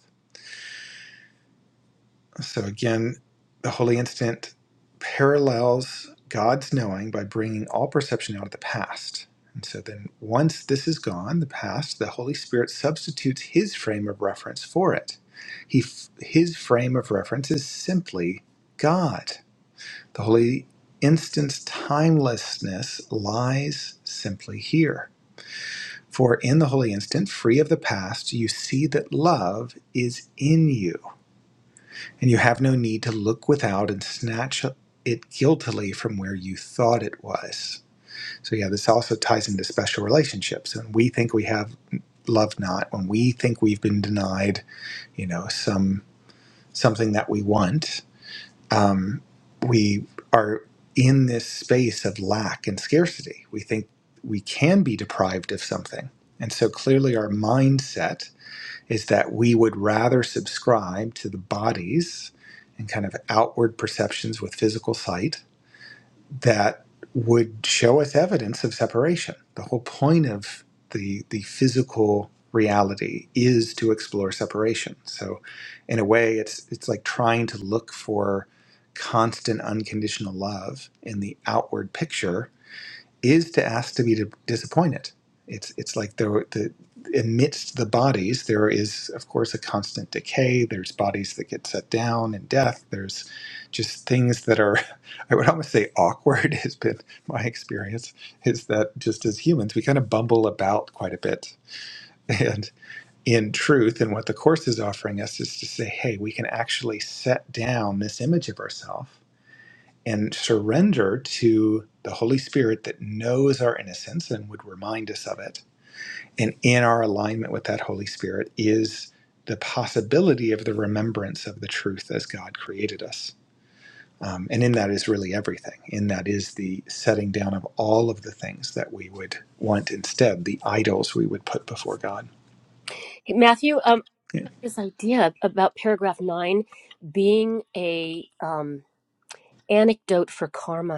So, again, the holy instant parallels God's knowing by bringing all perception out of the past. And so, then once this is gone, the past, the Holy Spirit substitutes his frame of reference for it. He, his frame of reference is simply God. The holy instant's timelessness lies simply here For in the holy instant, free of the past, you see that love is in you, and you have no need to look without and snatch it guiltily from where you thought it was. So, yeah, this also ties into special relationships. And we think we have love not when we think we've been denied, you know, some something that we want. Um, we are in this space of lack and scarcity. We think we can be deprived of something. And so clearly, our mindset is that we would rather subscribe to the bodies and kind of outward perceptions with physical sight that would show us evidence of separation. The whole point of the the physical reality is to explore separation. So in a way it's it's like trying to look for constant unconditional love in the outward picture is to ask to be disappointed. It's it's like there the amidst the bodies there is of course a constant decay. There's bodies that get set down and death. There's just things that are I would almost say awkward has been my experience is that just as humans we kind of bumble about quite a bit and in truth and what the course is offering us is to say hey we can actually set down this image of ourselves and surrender to the Holy Spirit that knows our innocence and would remind us of it. And in our alignment with that Holy Spirit is the possibility of the remembrance of the truth as God created us. Um, and in that is really everything. In that is the setting down of all of the things that we would want instead, the idols we would put before God. Hey, matthew um I have this idea about paragraph nine being a um anecdote for karma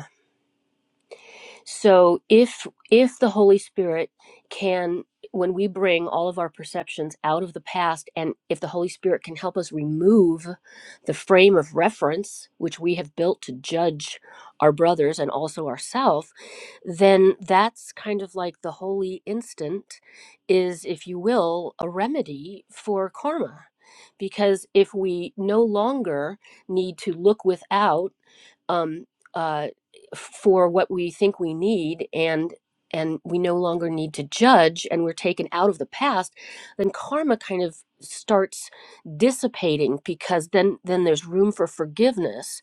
So if if the Holy Spirit can when we bring all of our perceptions out of the past and if the Holy Spirit can help us remove the frame of reference which we have built to judge our brothers and also ourselves, then that's kind of like the holy instant is if you will a remedy for karma. Because if we no longer need to look without um, uh, for what we think we need and and we no longer need to judge and we're taken out of the past then karma kind of starts dissipating because then then there's room for forgiveness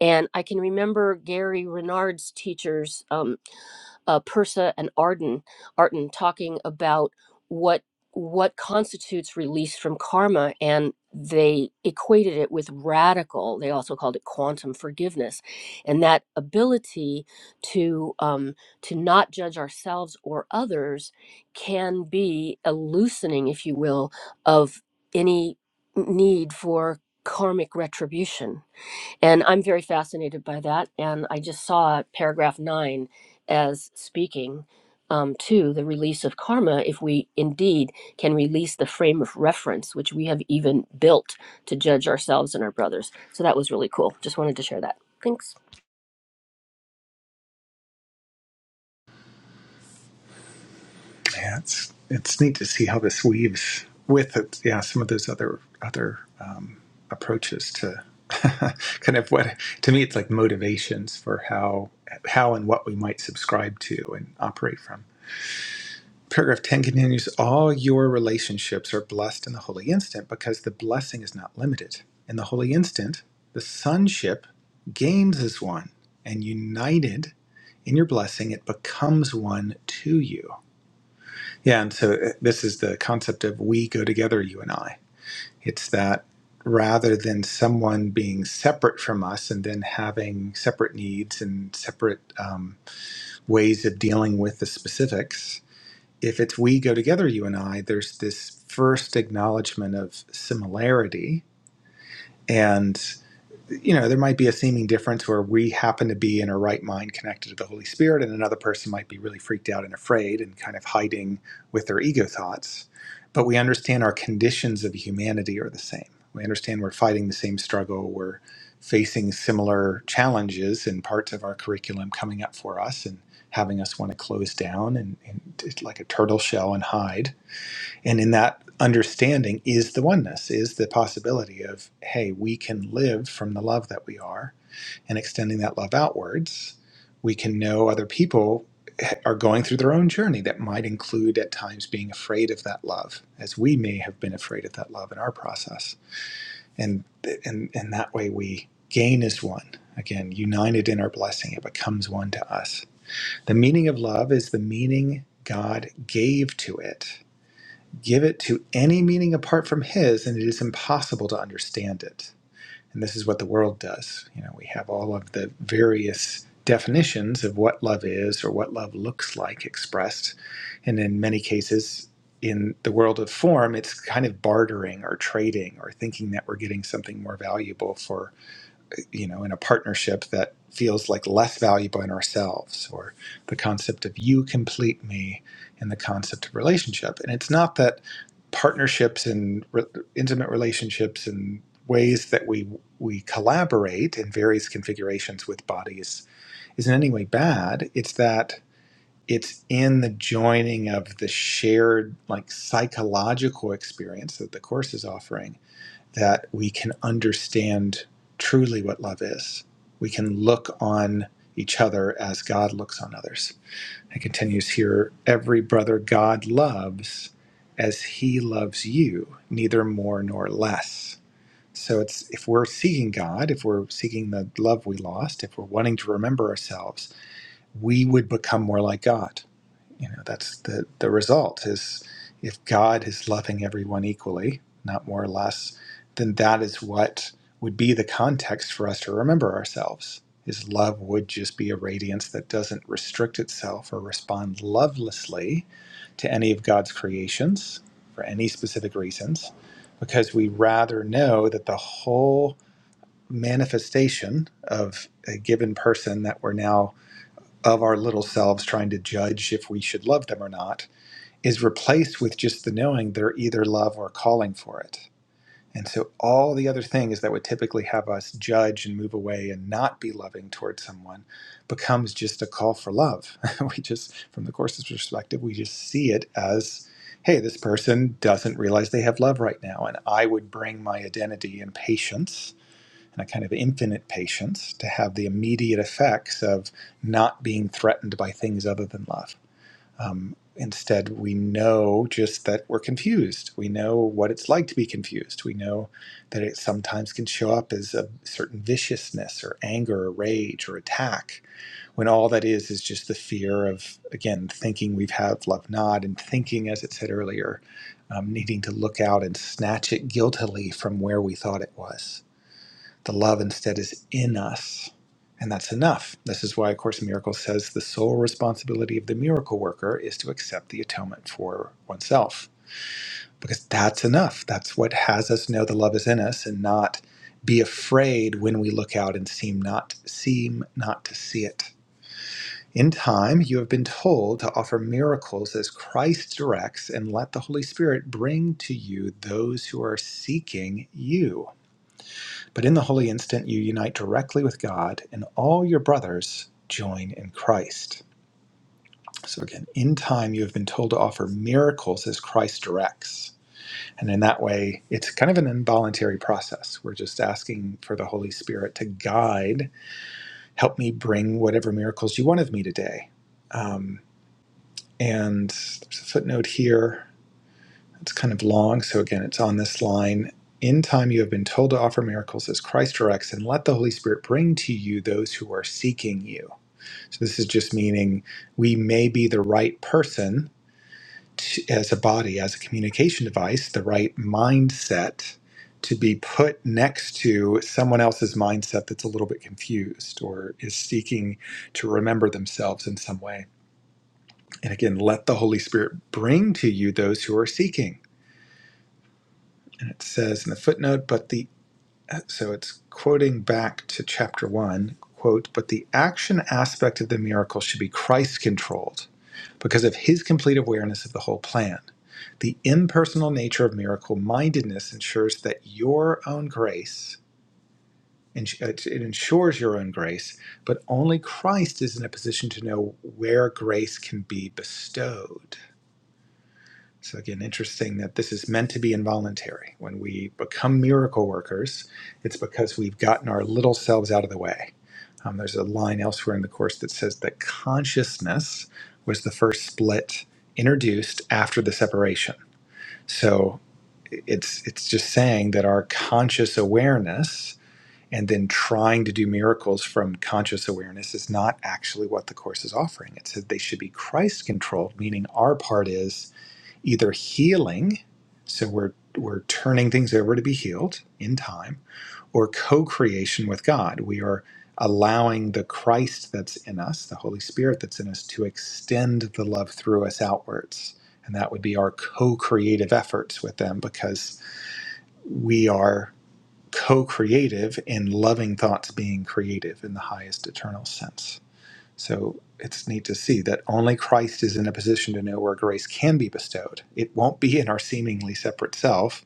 and i can remember gary renard's teachers um, uh, Persa and Arden, Arden talking about what what constitutes release from karma, and they equated it with radical. They also called it quantum forgiveness, and that ability to um, to not judge ourselves or others can be a loosening, if you will, of any need for karmic retribution and I'm very fascinated by that. And I just saw paragraph nine as speaking um, to the release of karma if we indeed can release the frame of reference which we have even built to judge ourselves and our brothers. So that was really cool. Just wanted to share that. Thanks. yeah, it's it's neat to see how this weaves with it, yeah some of those other other um, approaches to kind of what to me it's like motivations for how how and what we might subscribe to and operate from. Paragraph 10 continues All your relationships are blessed in the holy instant because the blessing is not limited. In the holy instant, the sonship gains as one, and united in your blessing, it becomes one to you. Yeah, and so uh, this is the concept of we go together, you and I. It's that rather than someone being separate from us and then having separate needs and separate um, ways of dealing with the specifics, if it's we go together, you and I, there's this first acknowledgement of similarity. and you know, there might be a seeming difference where we happen to be in a right mind connected to the Holy Spirit, and another person might be really freaked out and afraid and kind of hiding with their ego thoughts. But we understand our conditions of humanity are the same. We understand we're fighting the same struggle, we're facing similar challenges and parts of our curriculum coming up for us and having us want to close down and, and like a turtle shell and hide and in that understanding is the oneness, is the possibility of, hey, we can live from the love that we are and extending that love outwards. We can know other people are going through their own journey that might include at times being afraid of that love, as we may have been afraid of that love in our process. And and, and that way we gain as one. Again, united in our blessing, it becomes one to us. The meaning of love is the meaning God gave to it Give it to any meaning apart from his, and it is impossible to understand it. And this is what the world does. You know, we have all of the various definitions of what love is or what love looks like expressed. And in many cases, in the world of form, it's kind of bartering or trading or thinking that we're getting something more valuable for you know in a partnership that feels like less valuable in ourselves or the concept of you complete me and the concept of relationship and it's not that partnerships and re- intimate relationships and ways that we we collaborate in various configurations with bodies is in any way bad it's that it's in the joining of the shared like psychological experience that the course is offering that we can understand truly what love is. We can look on each other as God looks on others. It continues here every brother God loves as he loves you, neither more nor less. So it's if we're seeking God, if we're seeking the love we lost, if we're wanting to remember ourselves, we would become more like God you know that's the the result is if god is loving everyone equally not more or less then that is what would be the context for us to remember ourselves his love would just be a radiance that doesn't restrict itself or respond lovelessly to any of god's creations for any specific reasons because we rather know that the whole manifestation of a given person that we're now of our little selves trying to judge if we should love them or not is replaced with just the knowing they're either love or calling for it. And so all the other things that would typically have us judge and move away and not be loving towards someone becomes just a call for love. we just, from the Course's perspective, we just see it as hey, this person doesn't realize they have love right now. And I would bring my identity and patience and a kind of infinite patience to have the immediate effects of not being threatened by things other than love. Um, instead, we know just that we're confused. We know what it's like to be confused. We know that it sometimes can show up as a certain viciousness or anger or rage or attack, when all that is is just the fear of, again, thinking we've had love not and thinking, as it said earlier, um, needing to look out and snatch it guiltily from where we thought it was. The love instead is in us. And that's enough. This is why A Course in Miracles says the sole responsibility of the miracle worker is to accept the atonement for oneself, because that's enough. That's what has us know the love is in us and not be afraid when we look out and seem not seem not to see it. In time, you have been told to offer miracles as Christ directs and let the Holy Spirit bring to you those who are seeking you. But in the holy instant, you unite directly with God, and all your brothers join in Christ. So, again, in time, you have been told to offer miracles as Christ directs. And in that way, it's kind of an involuntary process. We're just asking for the Holy Spirit to guide, help me bring whatever miracles you want of me today. Um, and there's a footnote here It's kind of long, so again, it's on this line. In time, you have been told to offer miracles as Christ directs, and let the Holy Spirit bring to you those who are seeking you. So, this is just meaning we may be the right person to, as a body, as a communication device, the right mindset to be put next to someone else's mindset that's a little bit confused or is seeking to remember themselves in some way. And again, let the Holy Spirit bring to you those who are seeking. And it says in the footnote, but the so it's quoting back to chapter one, quote, but the action aspect of the miracle should be Christ controlled because of his complete awareness of the whole plan. The impersonal nature of miracle mindedness ensures that your own grace, it ensures your own grace, but only Christ is in a position to know where grace can be bestowed. So, again, interesting that this is meant to be involuntary. When we become miracle workers, it's because we've gotten our little selves out of the way. Um, there's a line elsewhere in the Course that says that consciousness was the first split introduced after the separation. So, it's, it's just saying that our conscious awareness and then trying to do miracles from conscious awareness is not actually what the Course is offering. It said they should be Christ controlled, meaning our part is either healing, so we're we're turning things over to be healed in time, or co-creation with God. We are allowing the Christ that's in us, the Holy Spirit that's in us, to extend the love through us outwards. And that would be our co-creative efforts with them because we are co-creative in loving thoughts being creative in the highest eternal sense. So it's neat to see that only Christ is in a position to know where grace can be bestowed. It won't be in our seemingly separate self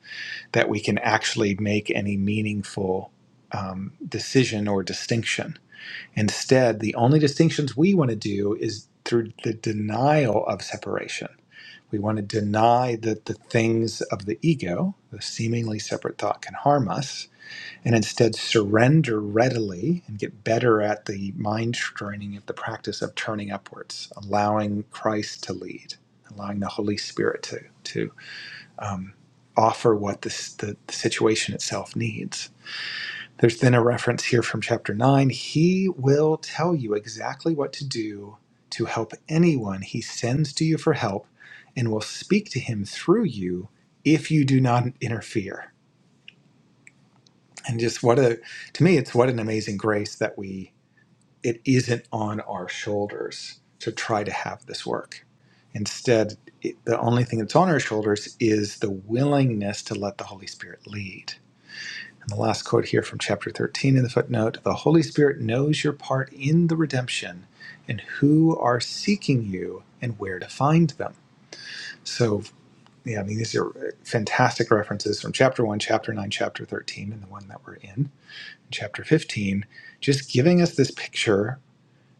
that we can actually make any meaningful um, decision or distinction. Instead, the only distinctions we want to do is through the denial of separation. We want to deny that the things of the ego, the seemingly separate thought, can harm us and instead surrender readily and get better at the mind training at the practice of turning upwards, allowing Christ to lead, allowing the Holy Spirit to to um, offer what this, the, the situation itself needs. There's then a reference here from chapter nine. He will tell you exactly what to do to help anyone he sends to you for help, and will speak to him through you if you do not interfere and just what a to me it's what an amazing grace that we it isn't on our shoulders to try to have this work instead it, the only thing that's on our shoulders is the willingness to let the holy spirit lead and the last quote here from chapter 13 in the footnote the holy spirit knows your part in the redemption and who are seeking you and where to find them so yeah i mean these are fantastic references from chapter 1 chapter 9 chapter 13 and the one that we're in chapter 15, just giving us this picture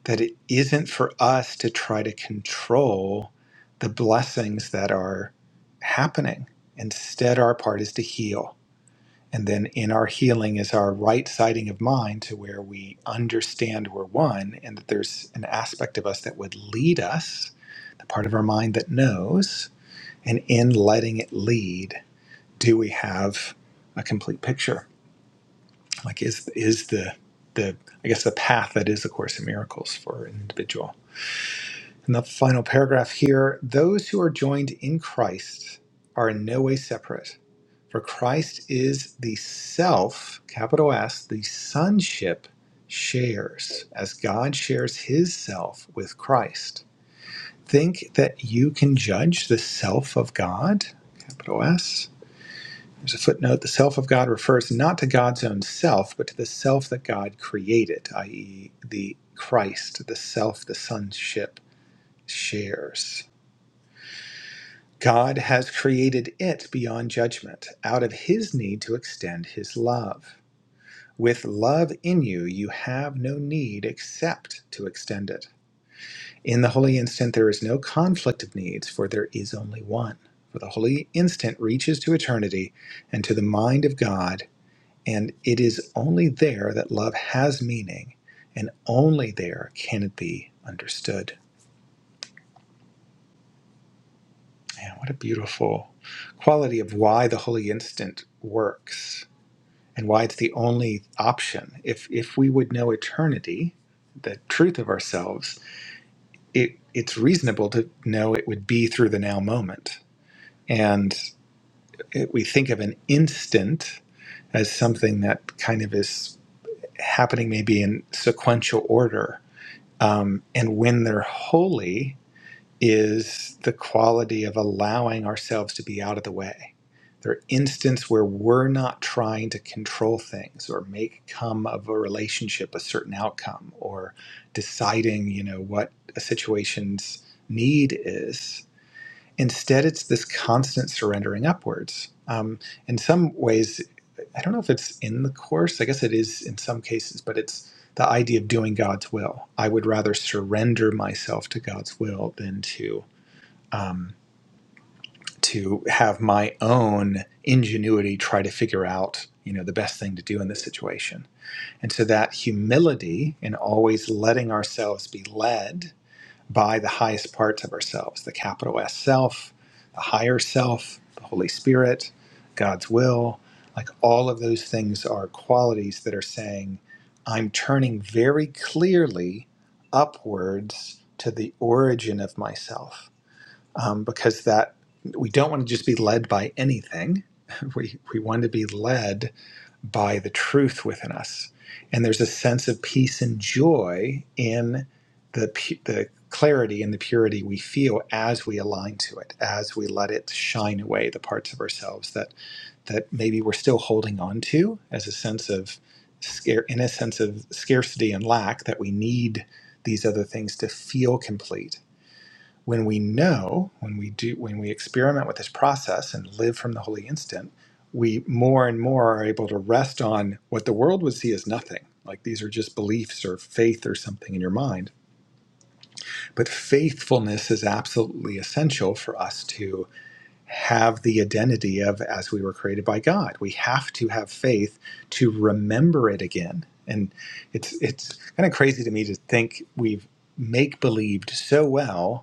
that it isn't for us to try to control the blessings that are happening. Instead, our part is to heal. And then in our healing is our right siding of mind to where we understand we're one and that there's an aspect of us that would lead us, the part of our mind that knows. And in letting it lead, do we have a complete picture? like is is the the I guess the path that is the Course in Miracles for an individual. And the final paragraph here: those who are joined in Christ are in no way separate, for Christ is the self, capital S, the sonship shares as God shares His self with Christ. Think that you can judge the self of God, capital S. There's a footnote. The self of God refers not to God's own self, but to the self that God created, i.e., the Christ, the self the sonship shares. God has created it beyond judgment, out of his need to extend his love. With love in you, you have no need except to extend it. In the holy instant, there is no conflict of needs, for there is only one. For the holy instant reaches to eternity, and to the mind of God. And it is only there that love has meaning, and only there can it be understood. Man, what a beautiful quality of why the holy instant works and why it's the only option. If if we would know eternity, the truth of ourselves, it it's reasonable to know it would be through the now moment. And it, we think of an instant as something that kind of is happening maybe in sequential order Um, and when they're holy is the quality of allowing ourselves to be out of the way. They're instances where we're not trying to control things or make come of a relationship a certain outcome or deciding, you know, what a situation's need is instead it's this constant surrendering upwards um, in some ways i don't know if it's in the course i guess it is in some cases but it's the idea of doing god's will i would rather surrender myself to god's will than to um, to have my own ingenuity try to figure out you know the best thing to do in this situation and so that humility and always letting ourselves be led by the highest parts of ourselves the capital S self, the higher self, the Holy Spirit, God's will. Like all of those things are qualities that are saying, I'm turning very clearly upwards to the origin of myself. Um, because that we don't want to just be led by anything. We, we want to be led by the truth within us. And there's a sense of peace and joy in the, the clarity and the purity we feel as we align to it, as we let it shine away the parts of ourselves that, that maybe we're still holding on to as a sense of scare, in a sense of scarcity and lack that we need these other things to feel complete when we know when we do when we experiment with this process and live from the holy instant we more and more are able to rest on what the world would see as nothing like these are just beliefs or faith or something in your mind but faithfulness is absolutely essential for us to have the identity of as we were created by god we have to have faith to remember it again and it's it's kind of crazy to me to think we've make believed so well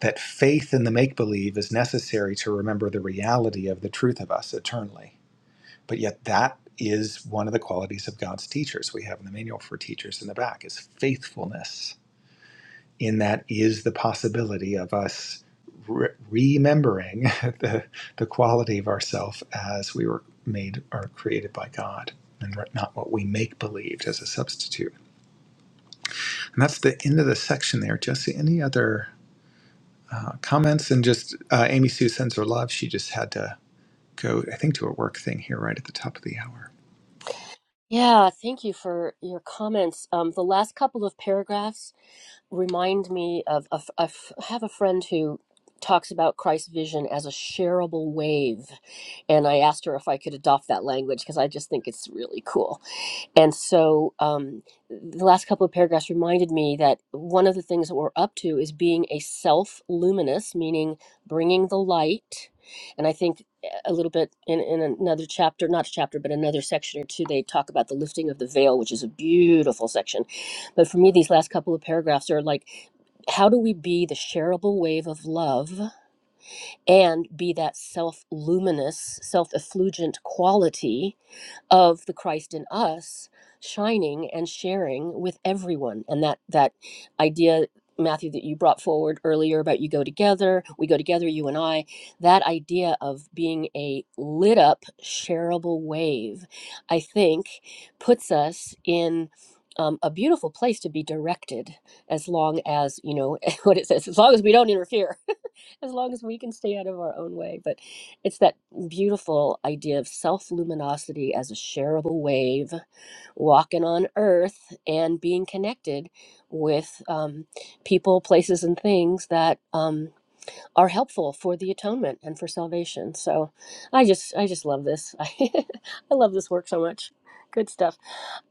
that faith in the make believe is necessary to remember the reality of the truth of us eternally. But yet, that is one of the qualities of God's teachers. We have in the manual for teachers in the back is faithfulness. In that is the possibility of us re- remembering the, the quality of ourself as we were made or created by God. And not what we make believed as a substitute. And that's the end of the section there. Jesse, any other comments and just uh, Amy Sue sends her love. She just had to go, I think, to a work thing here right at the top of the hour. Yeah, thank you for your comments. Um, the last couple of paragraphs remind me of a f- a f- I have a friend who talks about Christ's vision as a shareable wave, and I asked her if I could adopt that language because I just think it's really cool. And so um, the last couple of paragraphs reminded me that one of the things that we're up to is being a self luminous, meaning bringing the light. And I think eh, a little bit in, in another chapter, not a chapter, but another section or two, they talk about the lifting of the veil, which is a beautiful section. But for me, these last couple of paragraphs are like, how do we be the shareable wave of love and be that self luminous, self effulgent quality? of the Christ in us shining and sharing with everyone and that that idea Matthew that you brought forward earlier about you go together we go together you and I that idea of being a lit up shareable wave I think puts us in um, a beautiful place to be directed as long as you know what it says as long as we don't interfere as long as we can stay out of our own way but it's that beautiful idea of self luminosity as a shareable wave, walking on earth and being connected with um, people, places, and things that um, are helpful for the atonement and for salvation. So I just, I just love this. I I love this work so much. Good stuff.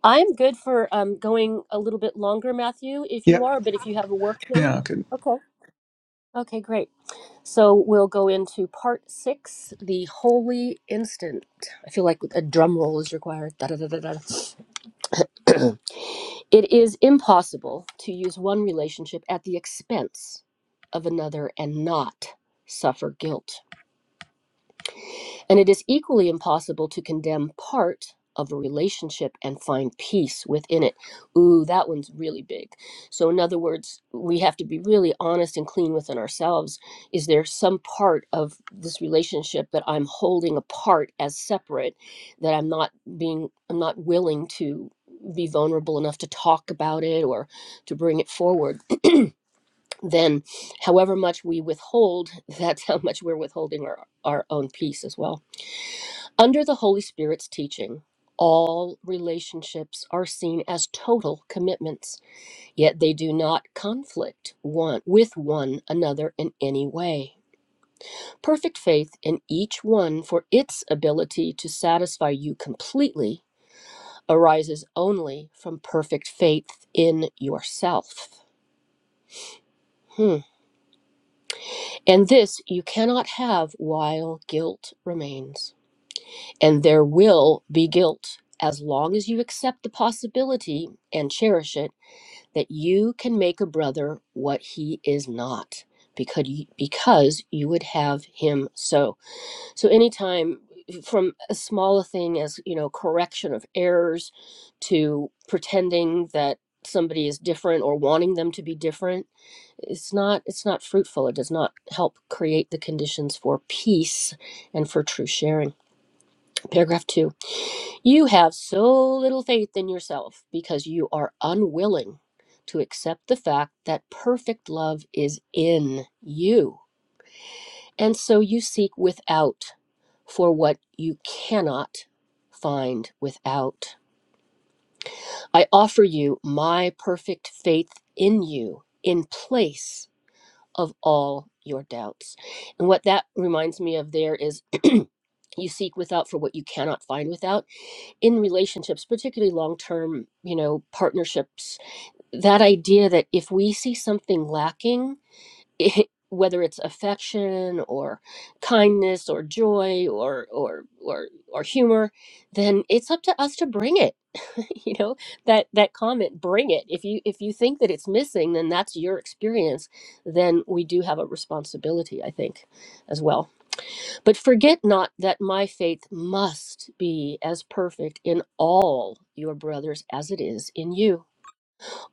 I'm good for um, going a little bit longer, Matthew, if you Yep. are, but if you have a work thing, Yeah. Good. okay. Okay, great. So we'll go into part six, the holy instant. I feel like a drum roll is required. Da, da, da, da, da. It is impossible to use one relationship at the expense of another and not suffer guilt. And it is equally impossible to condemn part of a relationship and find peace within it. Ooh, that one's really big. So, in other words, we have to be really honest and clean within ourselves. Is there some part of this relationship that I'm holding apart as separate that I'm not being, I'm not willing to be vulnerable enough to talk about it or to bring it forward? Then, however much we withhold, that's how much we're withholding our, our own peace as well. Under the Holy Spirit's teaching, all relationships are seen as total commitments, yet they do not conflict one with one another in any way. Perfect faith in each one for its ability to satisfy you completely arises only from perfect faith in yourself. Hmm. And this you cannot have while guilt remains. And there will be guilt as long as you accept the possibility and cherish it that you can make a brother what he is not because you, because you would have him so. So anytime from as small a thing as you know correction of errors to pretending that somebody is different or wanting them to be different it's not it's not fruitful it does not help create the conditions for peace and for true sharing paragraph 2 you have so little faith in yourself because you are unwilling to accept the fact that perfect love is in you. And so you seek without for what you cannot find without. I offer you my perfect faith in you in place of all your doubts. And what that reminds me of there is you seek without for what you cannot find without in relationships, particularly long term, you know, partnerships, that idea that if we see something lacking, it, whether it's affection or kindness or joy or, or or or humor, then it's up to us to bring it. you know, that that comment, bring it. If you if you think that it's missing, then that's your experience. Then we do have a responsibility, I think, as well. But forget not that my faith must be as perfect in all your brothers as it is in you,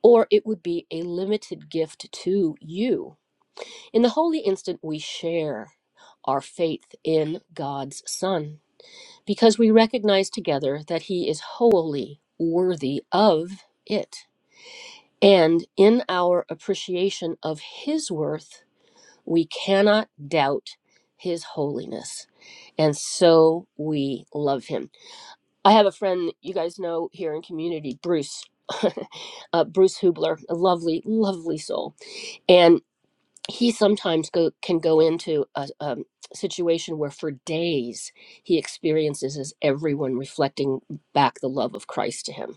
or it would be a limited gift to you. In the holy instant, we share our faith in God's Son because we recognize together that He is wholly worthy of it. And in our appreciation of His worth, we cannot doubt his holiness. And so we love him. I have a friend you guys know here in community, Bruce, uh, Bruce Hubler, a lovely, lovely soul. And he sometimes go, can go into a um, situation where for days he experiences as everyone reflecting back the love of Christ to him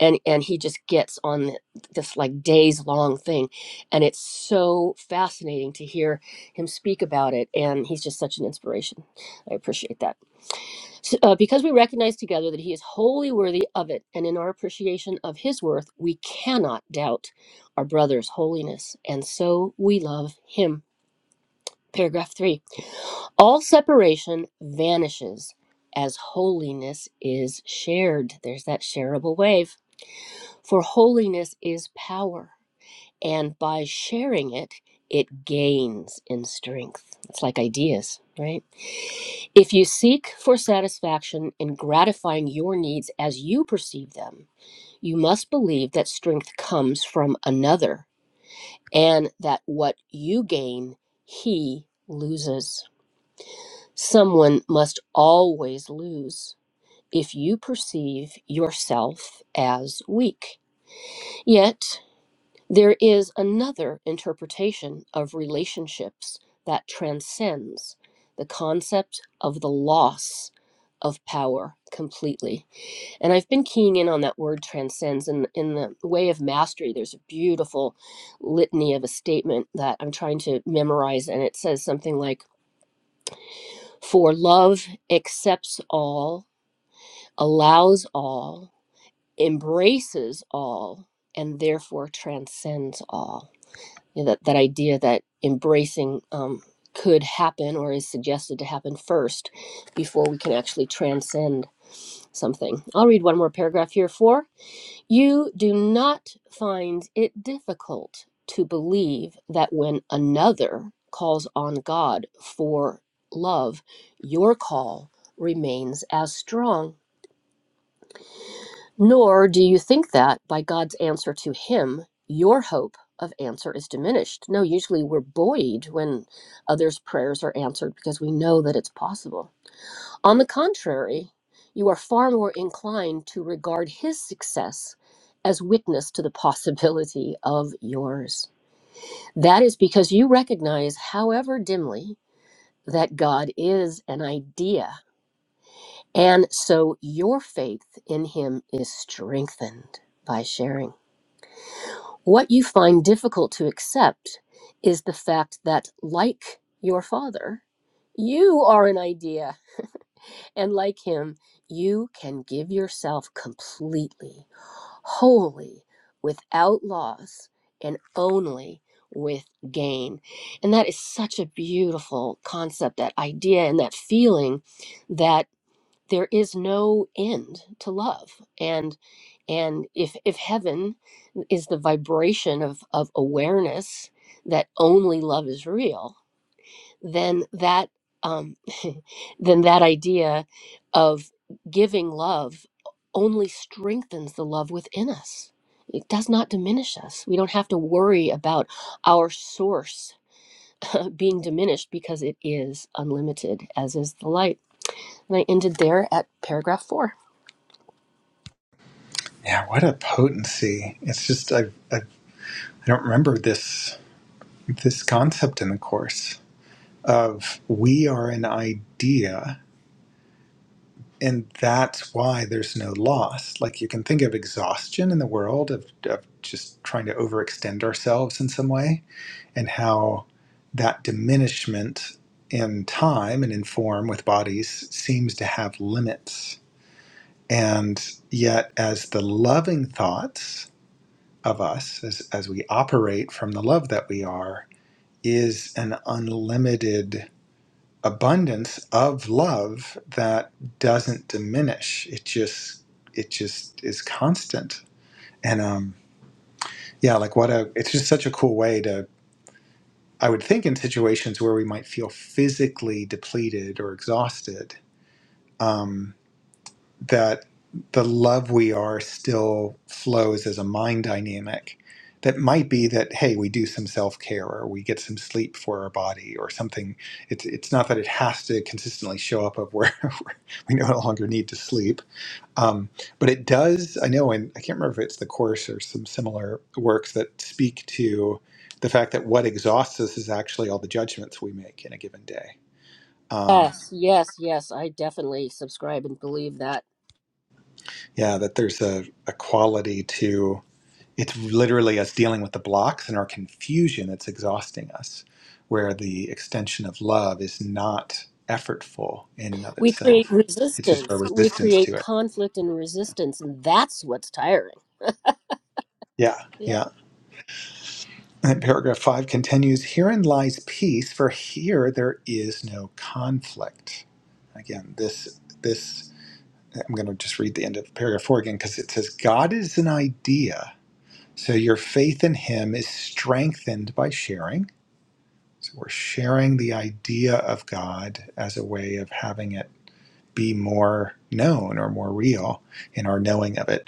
and and he just gets on th- this like days long thing and it's so fascinating to hear him speak about it and he's just such an inspiration i appreciate that so, uh, because we recognize together that he is wholly worthy of it and in our appreciation of his worth we cannot doubt our brother's holiness and so we love him paragraph 3 all separation vanishes as holiness is shared there's that shareable wave for holiness is power, and by sharing it, it gains in strength. It's like ideas, right? If you seek for satisfaction in gratifying your needs as you perceive them, you must believe that strength comes from another and that what you gain, he loses. Someone must always lose if you perceive yourself as weak. Yet, There is another interpretation of relationships that transcends the concept of the loss of power completely. And I've been keying in on that word transcends. And in the way of mastery, there's a beautiful litany of a statement that I'm trying to memorize. And it says something like For love accepts all, allows all, embraces all, and therefore transcends all you know, that, that idea that embracing um, could happen or is suggested to happen first before we can actually transcend something. I'll read one more paragraph here. Four, you do not find it difficult to believe that when another calls on God for love, your call remains as strong nor do you think that by God's answer to him, your hope of answer is diminished. No, usually we're buoyed when others' prayers are answered because we know that it's possible. On the contrary, you are far more inclined to regard his success as witness to the possibility of yours. That is because you recognize, however dimly, that God is an idea. And so your faith in him is strengthened by sharing. What you find difficult to accept is the fact that, like your father, you are an idea, and like him, you can give yourself completely, wholly, without loss, and only with gain. And that is such a beautiful concept, that idea, and that feeling that there is no end to love and and if if heaven is the vibration of of awareness that only love is real then that um then that idea of giving love only strengthens the love within us it does not diminish us we don't have to worry about our source uh, being diminished because it is unlimited as is the light and i ended there at paragraph 4 Yeah. What a potency! It's just I I, I don't remember this this concept in the course of we are an idea. And that's why there's no loss. Like you can think of exhaustion in the world of, of just trying to overextend ourselves in some way and how that diminishment in time and in form with bodies seems to have limits. And yet, as the loving thoughts of us, as, as we operate from the love that we are, is an unlimited abundance of love that doesn't diminish. It just it just is constant. And um, yeah, like what a it's just such a cool way to. I would think in situations where we might feel physically depleted or exhausted, um, that the love we are still flows as a mind dynamic. That might be that hey, we do some self care or we get some sleep for our body or something. It's it's not that it has to consistently show up of where we no longer need to sleep, um, but it does, I know, and I can't remember if it's the course or some similar works that speak to the fact that what exhausts us is actually all the judgments we make in a given day. Um, Yes, yes, yes. I definitely subscribe and believe that. yeah, that there's a, a quality to it's literally us dealing with the blocks and our confusion that's exhausting us, where the extension of love is not effortful in and of We create itself. It's just resistance. our We resistance create to it. conflict and resistance, and that's what's tiring. Yeah, Yeah. yeah. And then paragraph five continues Herein lies peace, for here there is no conflict. Again, this, this, I'm going to just read the end of paragraph four again because it says, God is an idea. So your faith in him is strengthened by sharing. So we're sharing the idea of God as a way of having it be more known or more real in our knowing of it.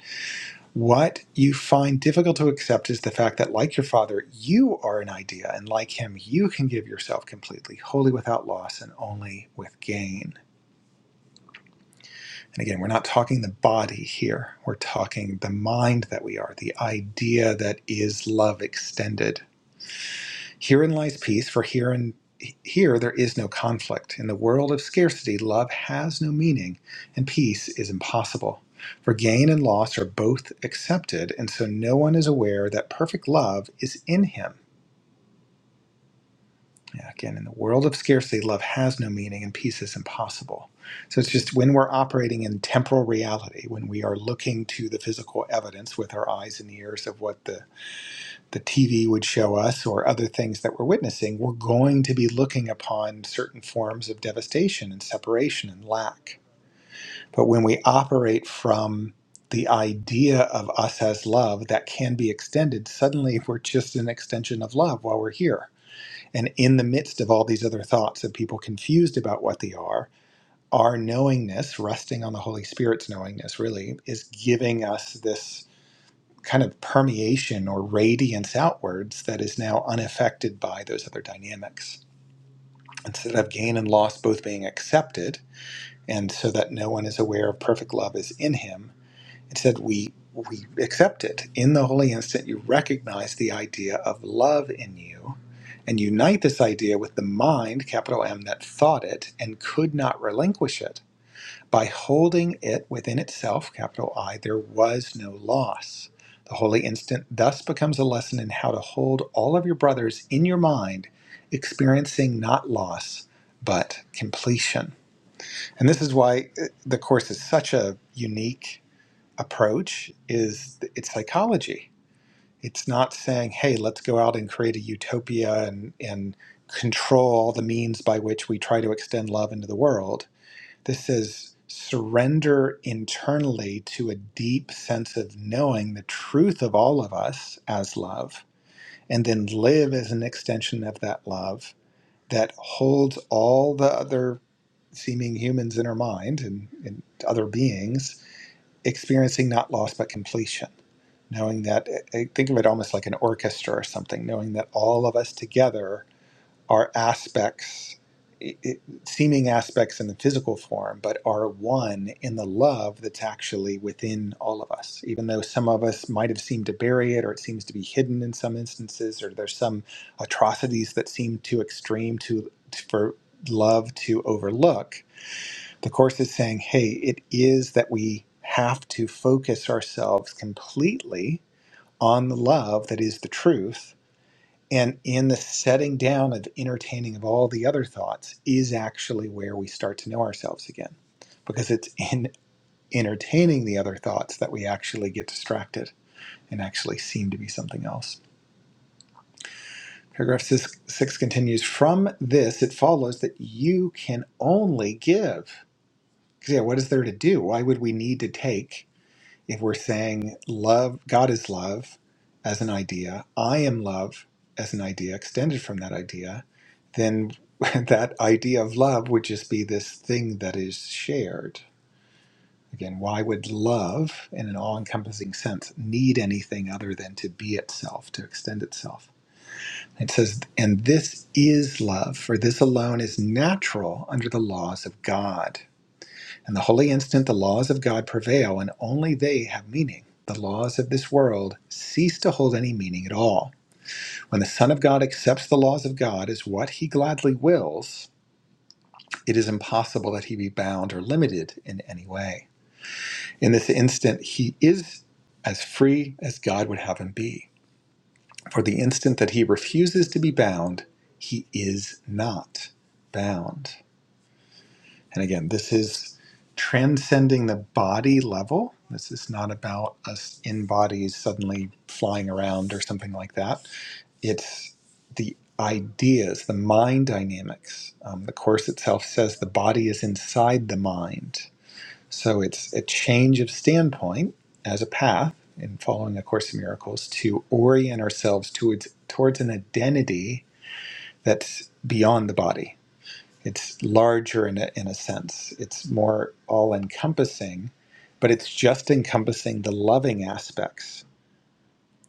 What you find difficult to accept is the fact that, like your father, you are an idea, and like him, you can give yourself completely, wholly without loss, and only with gain. And again, we're not talking the body here, we're talking the mind that we are, the idea that is love extended Herein lies peace, for herein, here there is no conflict. In the world of scarcity, love has no meaning, and peace is impossible. For gain and loss are both accepted, and so no one is aware that perfect love is in him. Yeah, Again, in the world of scarcity, love has no meaning, and peace is impossible. So it's just when we're operating in temporal reality, when we are looking to the physical evidence with our eyes and ears of what the the TV would show us or other things that we're witnessing, we're going to be looking upon certain forms of devastation and separation and lack. But when we operate from the idea of us as love that can be extended, suddenly we're just an extension of love while we're here. And in the midst of all these other thoughts of people confused about what they are, our knowingness, resting on the Holy Spirit's knowingness, really, is giving us this kind of permeation or radiance outwards that is now unaffected by those other dynamics. Instead of gain and loss both being accepted, and so that no one is aware of perfect love is in him, instead we we accept it. In the holy instant, you recognize the idea of love in you and unite this idea with the mind, capital M, that thought it and could not relinquish it by holding it within itself, capital I, there was no loss. The holy instant thus becomes a lesson in how to hold all of your brothers in your mind, experiencing not loss, but completion. And this is why uh, the course is such a unique approach is it's psychology. It's not saying, hey, let's go out and create a utopia and, and control all the means by which we try to extend love into the world this is surrender internally to a deep sense of knowing the truth of all of us as love, and then live as an extension of that love that holds all the other seeming humans in our mind and, and other beings experiencing not loss but completion. Knowing that, I think of it almost like an orchestra or something, knowing that all of us together are aspects, i- seeming aspects in the physical form, but are one in the love that's actually within all of us. Even though some of us might have seemed to bury it, or it seems to be hidden in some instances, or there's some atrocities that seem too extreme to for love to overlook. The course is saying, hey, it is that we have to focus ourselves completely on the love that is the truth and in the setting down of entertaining of all the other thoughts is actually where we start to know ourselves again. Because it's in entertaining the other thoughts that we actually get distracted and actually seem to be something else. Paragraph six, six continues From this, it follows that you can only give. 'Cause, Yeah, what is there to do? Why would we need to take? if we're saying love, God is love as an idea, I am love as an idea, extended from that idea, then that idea of love would just be this thing that is shared. Again, why would love, in an all encompassing sense, need anything other than to be itself, to extend itself? It says, and this is love, for this alone is natural under the laws of God. In the holy instant, the laws of God prevail, and only they have meaning. The laws of this world cease to hold any meaning at all. When the Son of God accepts the laws of God as what he gladly wills, it is impossible that he be bound or limited in any way. In this instant, he is as free as God would have him be. For the instant that he refuses to be bound, he is not bound. And again, this is transcending the body level. This is not about us in bodies suddenly flying around or something like that. It's the ideas, the mind dynamics. Um, the Course itself says the body is inside the mind. So it's a change of standpoint as a path in following A Course in Miracles to orient ourselves towards, towards an identity that's beyond the body it's larger in a, in a sense it's more all encompassing but it's just encompassing the loving aspects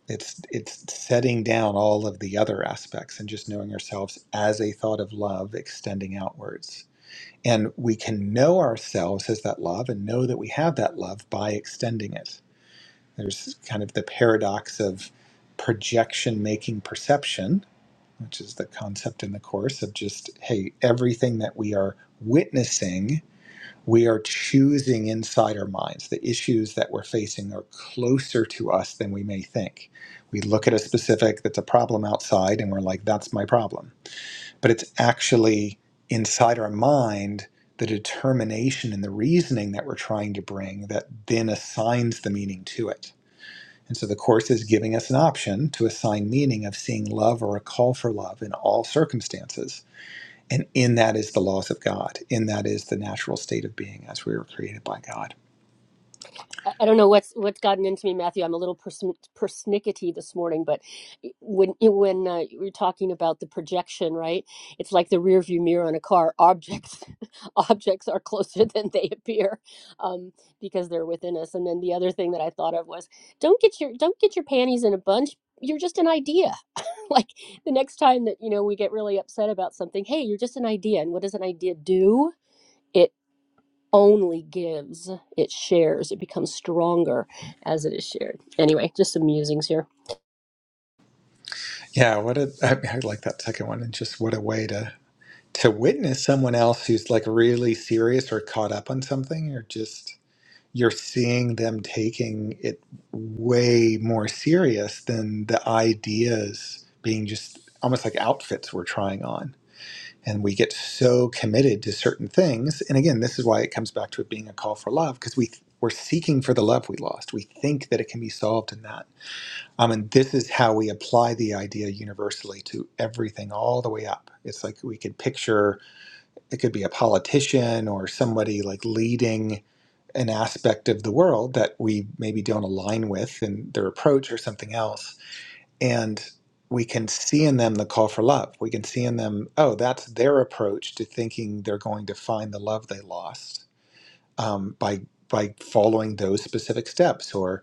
it's it's setting down all of the other aspects and just knowing ourselves as a thought of love extending outwards and we can know ourselves as that love and know that we have that love by extending it there's kind of the paradox of projection making perception which is the concept in the course of just hey everything that we are witnessing we are choosing inside our minds the issues that we're facing are closer to us than we may think we look at a specific that's a problem outside and we're like that's my problem but it's actually inside our mind the determination and the reasoning that we're trying to bring that then assigns the meaning to it and so the Course is giving us an option to assign meaning of seeing love or a call for love in all circumstances. And in that is the laws of God. In that is the natural state of being as we were created by God. I I don't know what's what's gotten into me, Matthew. I'm a little persnic- persnickety this morning, but when when uh, you were talking about the projection, right? It's like the rear view mirror on a car. Objects objects are closer than they appear um, because they're within us. And then the other thing that I thought of was don't get your don't get your panties in a bunch. You're just an idea. like the next time that you know we get really upset about something, hey, you're just an idea. And what does an idea do? only gives, it shares, it becomes stronger as it is shared. Anyway, just some musings here. Yeah, what a, I, I like that second one. And just what a way to, to witness someone else who's like really serious or caught up on something or just you're seeing them taking it way more serious than the ideas being just almost like outfits we're trying on and we get so committed to certain things and again this is why it comes back to it being a call for love because we we're seeking for the love we lost we think that it can be solved in that um, and this is how we apply the idea universally to everything all the way up it's like we could picture it could be a politician or somebody like leading an aspect of the world that we maybe don't align with in their approach or something else and we can see in them the call for love. We can see in them, oh, that's their approach to thinking they're going to find the love they lost um, by by following those specific steps, or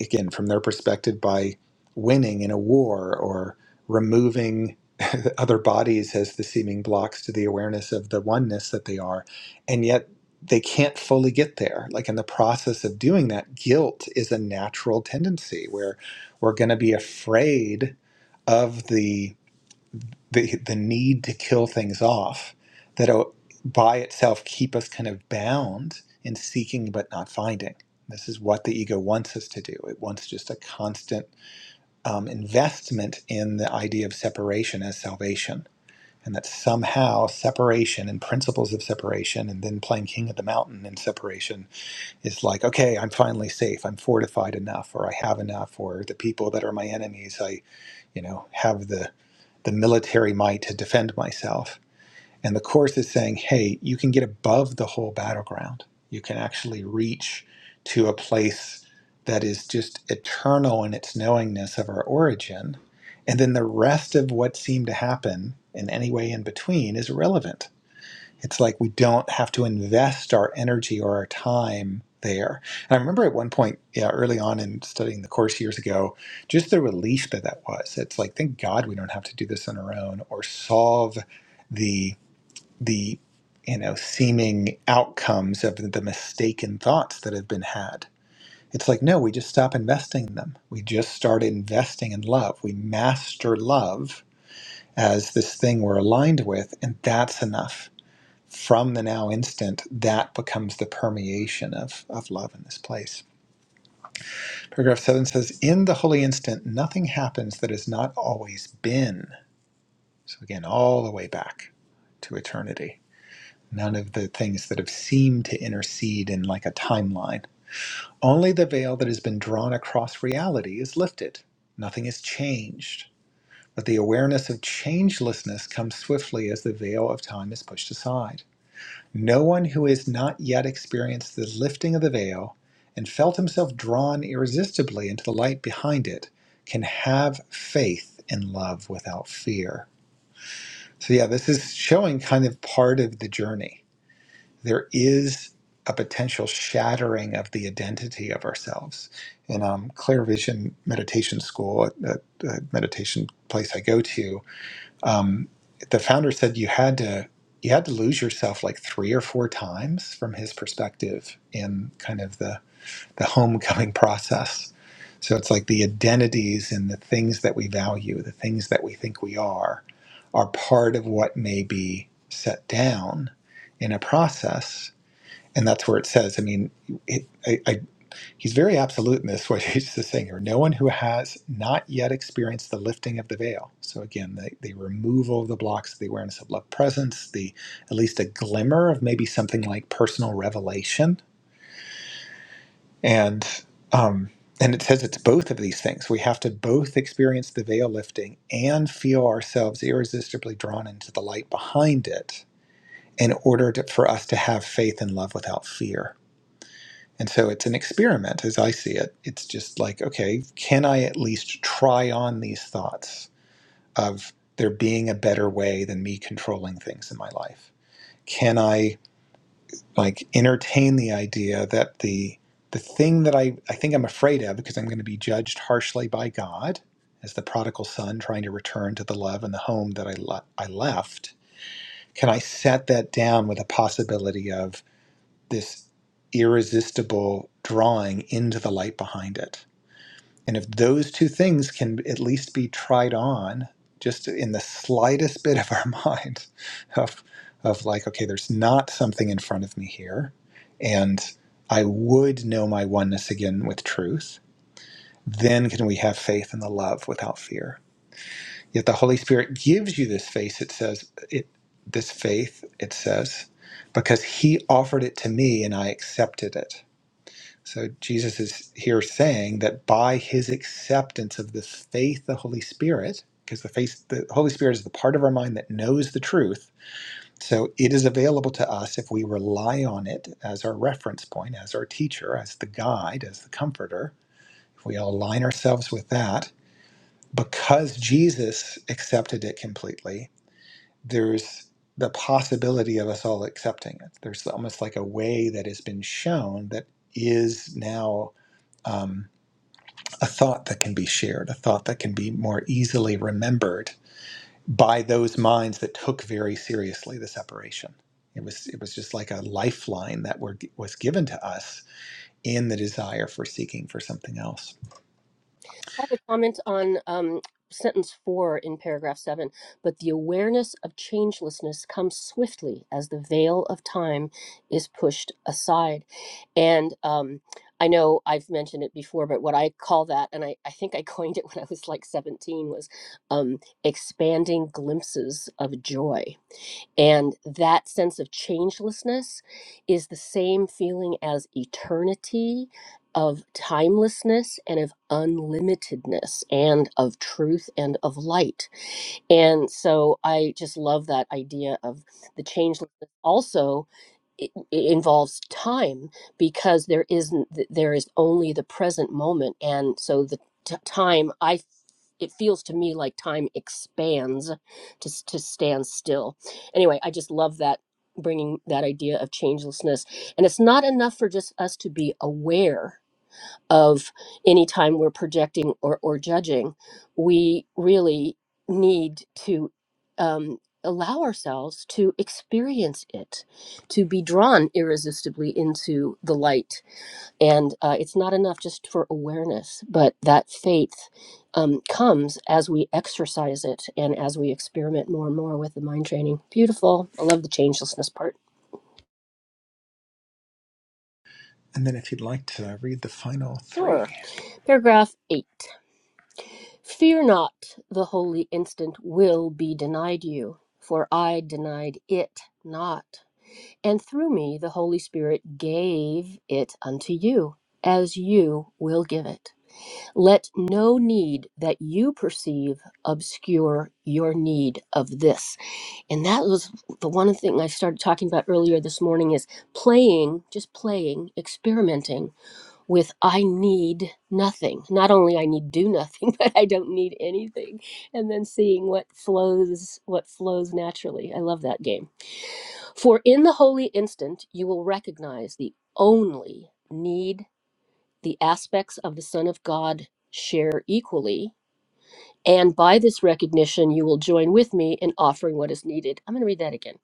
again from their perspective by winning in a war or removing other bodies as the seeming blocks to the awareness of the oneness that they are, and yet they can't fully get there. Like in the process of doing that, guilt is a natural tendency where we're going to be afraid of the the the need to kill things off that'll by itself keep us kind of bound in seeking but not finding. This is what the ego wants us to do. It wants just a constant um, investment in the idea of separation as salvation, and that somehow separation and principles of separation, and then playing king of the mountain in separation is like, okay, I'm finally safe. I'm fortified enough, or I have enough, or the people that are my enemies, I, you know, have the the military might to defend myself. And the course is saying, hey, you can get above the whole battleground. You can actually reach to a place that is just eternal in its knowingness of our origin. And then the rest of what seemed to happen in any way in between is irrelevant it's like we don't have to invest our energy or our time there. And I remember at one point, yeah, early on in studying the course years ago, just the relief that that was. It's like, thank God we don't have to do this on our own or solve the the you know seeming outcomes of the mistaken thoughts that have been had. It's like, no, we just stop investing in them. We just start investing in love. We master love as this thing we're aligned with, and that's enough from the now instant, that becomes the permeation of, of love in this place. Paragraph seven says, In the holy instant, nothing happens that has not always been. So again, all the way back to eternity. None of the things that have seemed to intercede in like a timeline. Only the veil that has been drawn across reality is lifted. Nothing is changed. But the awareness of changelessness comes swiftly as the veil of time is pushed aside. No one who has not yet experienced the lifting of the veil and felt himself drawn irresistibly into the light behind it can have faith in love without fear. So, yeah, this is showing kind of part of the journey. There is a potential shattering of the identity of ourselves. In um, Clear Vision Meditation School, a, a- a meditation place I go to, um, the founder said you had to you had to lose yourself like three or four times from his perspective in kind of the the homecoming process. So it's like the identities and the things that we value, the things that we think we are, are part of what may be set down in a process. And that's where it says, I mean, it, I, I He's very absolute in this, what he's just saying here. No one who has not yet experienced the lifting of the veil. So again, the, the removal of the blocks, the awareness of love presence, the at least a glimmer of maybe something like personal revelation. And um, and it says it's both of these things. We have to both experience the veil lifting and feel ourselves irresistibly drawn into the light behind it in order to, for us to have faith and love without fear and so it's an experiment as I see it. It's just like, okay, can I at least try on these thoughts of there being a better way than me controlling things in my life? Can I like entertain the idea that the the thing that I, I think I'm afraid of because I'm going to be judged harshly by God as the prodigal son trying to return to the love and the home that I, le- I left. Can I set that down with a possibility of this irresistible drawing into the light behind it. And if those two things can at least be tried on just in the slightest bit of our mind of, of like, okay, there's not something in front of me here, and I would know my oneness again with truth, then can we have faith in the love without fear. Yet the Holy Spirit gives you this faith, it says it this faith, it says, because he offered it to me and I accepted it so Jesus is here saying that by his acceptance of the faith, the Holy Spirit, because the faith, the Holy Spirit is the part of our mind that knows the truth. So it is available to us if we rely on it as our reference point, as our teacher, as the guide, as the comforter. If we align ourselves with that, because Jesus accepted it completely, there's the possibility of us all accepting it. There's almost like a way that has been shown that is now. Um, a thought that can be shared, a thought that can be more easily remembered by those minds that took very seriously the separation. It was it was just like a lifeline that were, was given to us in the desire for seeking for something else. I have a comment on um, sentence four in paragraph seven. But the awareness of changelessness comes swiftly as the veil of time is pushed aside. And um, I know I've mentioned it before, but what I call that, and I, I think I coined it when I was like 17, was um, expanding glimpses of joy And that sense of changelessness is the same feeling as eternity, of timelessness, and of unlimitedness, and of truth and of light. And so I just love that idea of the changelessness. Also, it, it involves time because there isn't there is only the present moment and so the t- time I. it feels to me like time expands to s- to stand still anyway i just love that bringing that idea of changelessness and it's not enough for just us to be aware of any time we're projecting or, or judging, we really need to um, allow ourselves to experience it, to be drawn irresistibly into the light. And uh, it's not enough just for awareness, but that faith um, comes as we exercise it and as we experiment more and more with the mind training. Beautiful. I love the changelessness part. And then, if you'd like to read the final Sure. three, Paragraph eight. Fear not, the holy instant will be denied you, for I denied it not. And through me the Holy Spirit gave it unto you, as you will give it. Let no need that you perceive obscure your need of this. And that was the one thing I started talking about earlier this morning is playing, just playing, experimenting with I need nothing. Not only I need do nothing, but I don't need anything. And then seeing what flows what flows naturally. I love that game. For in the holy instant you will recognize the only need the aspects of the Son of God share equally. And by this recognition, you will join with me in offering what is needed. I'm going to read that again.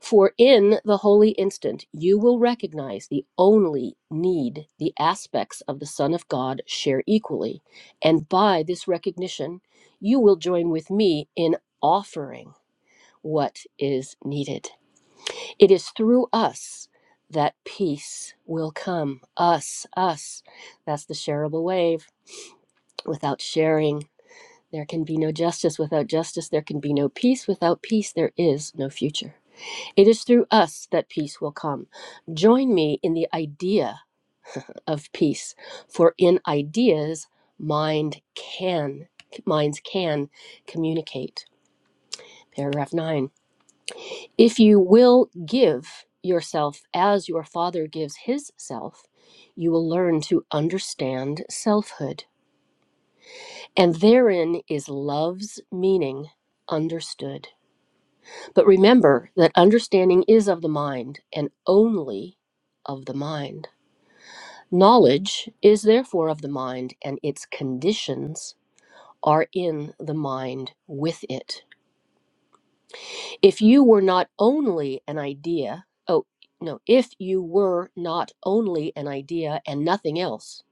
For in the holy instant you will recognize the only need the aspects of the Son of God share equally. And by this recognition, you will join with me in offering what is needed. It is through us that peace will come. Us, us. That's the shareable wave. Without sharing, there can be no justice. Without justice, there can be no peace. Without peace, there is no future. It is through us that peace will come. Join me in the idea of peace, for in ideas, mind can minds can communicate. Paragraph 9. If you will give yourself as your father gives his self, you will learn to understand selfhood. And therein is love's meaning understood. But remember that understanding is of the mind and only of the mind. Knowledge is therefore of the mind, and its conditions are in the mind with it. If you were not only an idea, oh, no, if you were not only an idea and nothing else,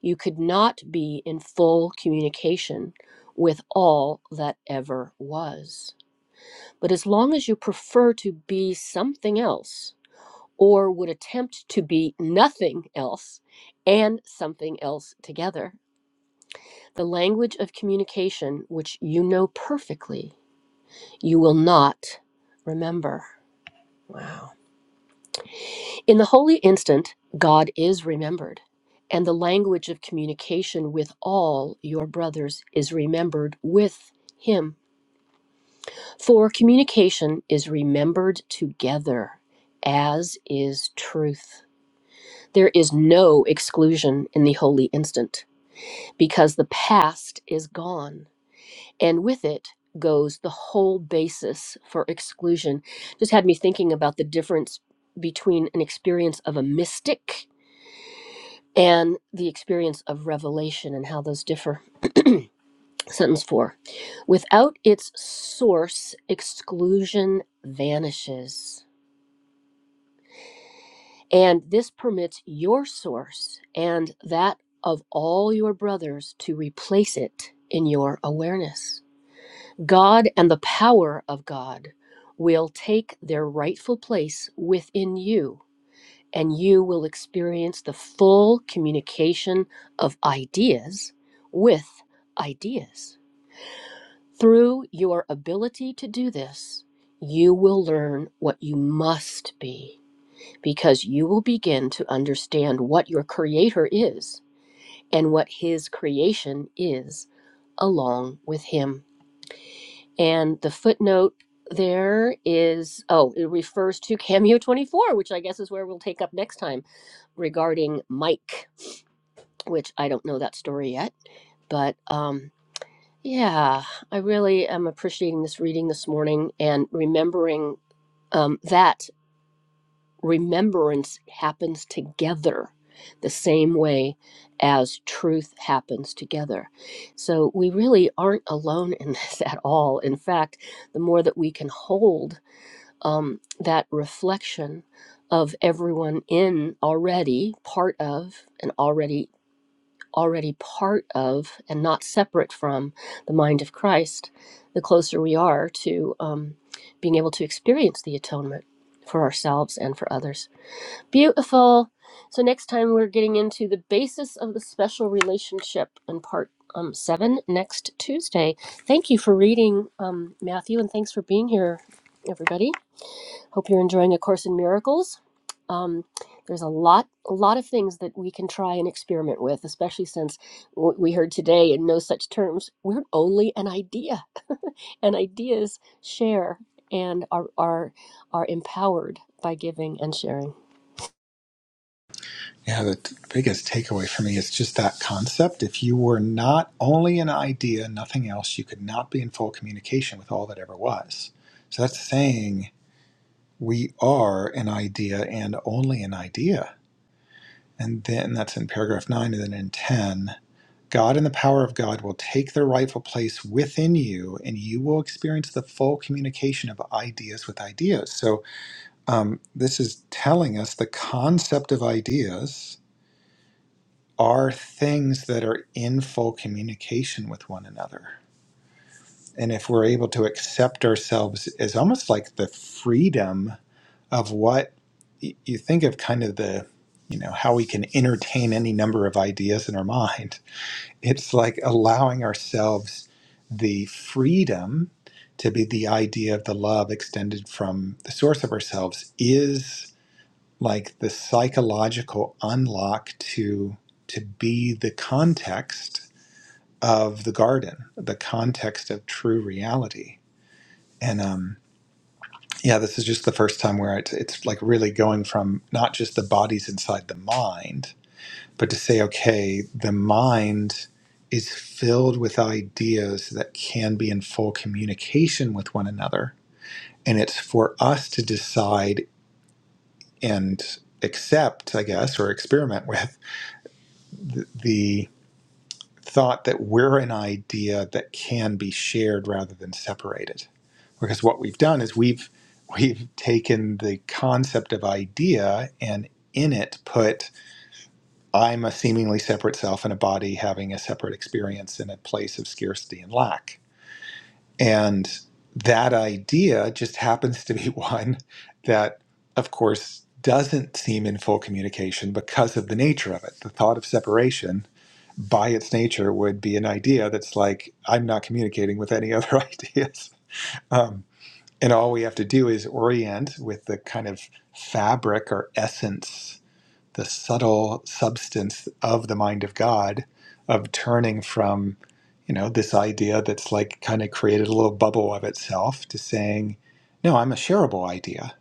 you could not be in full communication with all that ever was. But as long as you prefer to be something else, or would attempt to be nothing else and something else together, The language of communication, which you know perfectly, you will not remember. Wow. In the holy instant, God is remembered, and the language of communication with all your brothers is remembered with Him. For communication is remembered together, as is truth. There is no exclusion in the holy instant, because the past is gone and with it goes the whole basis for exclusion. Just had me thinking about the difference between an experience of a mystic and the experience of revelation and how those differ. Sentence four without its source, exclusion vanishes. And this permits your source and that of all your brothers to replace it in your awareness. God and the power of God will take their rightful place within you, and you will experience the full communication of ideas with ideas. Through your ability to do this, you will learn what you must be because you will begin to understand what your Creator is and what His creation is along with Him. And the footnote there is oh, it refers to Cameo 24, which I guess is where we'll take up next time regarding Mike, which I don't know that story yet. But um, yeah, I really am appreciating this reading this morning and remembering um, that remembrance happens together the same way as truth happens together. So we really aren't alone in this at all. In fact, the more that we can hold um, that reflection of everyone in already part of and already already part of and not separate from the mind of Christ, the closer we are to um, being able to experience the atonement for ourselves and for others. Beautiful. So next time we're getting into the basis of the special relationship in part um, seven next Tuesday. Thank you for reading, um, Matthew, and thanks for being here, everybody. Hope you're enjoying A Course in Miracles. Um, there's a lot, a lot of things that we can try and experiment with, especially since what we heard today in no such terms. We're only an idea, and ideas share and are are are empowered by giving and sharing. yeah, the t- biggest takeaway for me is just that concept. If you were not only an idea, nothing else, you could not be in full communication with all that ever was. So that's saying we are an idea and only an idea. And then that's in paragraph nine, and then in 10, God and the power of God will take their rightful place within you, and you will experience the full communication of ideas with ideas. So, um, this is telling us the concept of ideas are things that are in full communication with one another. And if we're able to accept ourselves as almost like the freedom of what you think of kind of the you know how we can entertain any number of ideas in our mind it's like allowing ourselves the freedom to be the idea of the love extended from the source of ourselves is like the psychological unlock to to be the context of the garden the context of true reality and um yeah, this is just the first time where it's, it's like really going from not just the bodies inside the mind, but to say, okay, the mind is filled with ideas that can be in full communication with one another. And it's for us to decide and accept, I guess, or experiment with the, thought that we're an idea that can be shared rather than separated. Because what we've done is we've we've taken the concept of idea and in it put I'm a seemingly separate self in a body having a separate experience in a place of scarcity and lack. And that idea just happens to be one that of course doesn't seem in full communication because of the nature of it. The thought of separation by its nature would be an idea that's like i'm not communicating with any other ideas um, and all we have to do is orient with the kind of fabric or essence the subtle substance of the mind of god of turning from you know this idea that's like kind of created a little bubble of itself to saying no i'm a shareable idea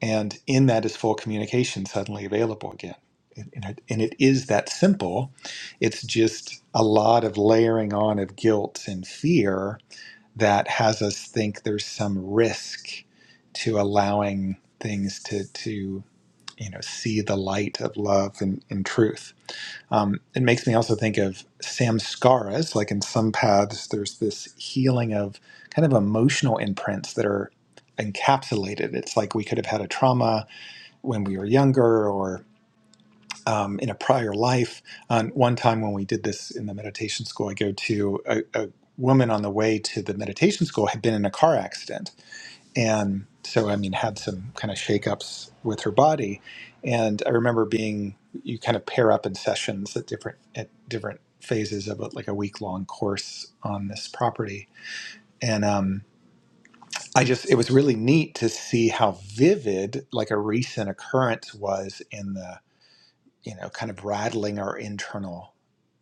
and in that is full communication suddenly available again and and it, and it is that simple it's just a lot of layering on of guilt and fear that has us think there's some risk to allowing things to to you know see the light of love and, and truth um, it makes me also think of samskaras like in some paths there's this healing of kind of emotional imprints that are encapsulated it's like we could have had a trauma when we were younger or um, in a prior life. On one time when we did this in the meditation school I go to, a, a woman on the way to the meditation school had been in a car accident. And so, I mean, had some kind of shakeups with her body. And I remember being, you kind of pair up in sessions at different, at different phases of a, like a week long course on this property. And um, I just, it was really neat to see how vivid like a recent occurrence was in the you know, kind of rattling our internal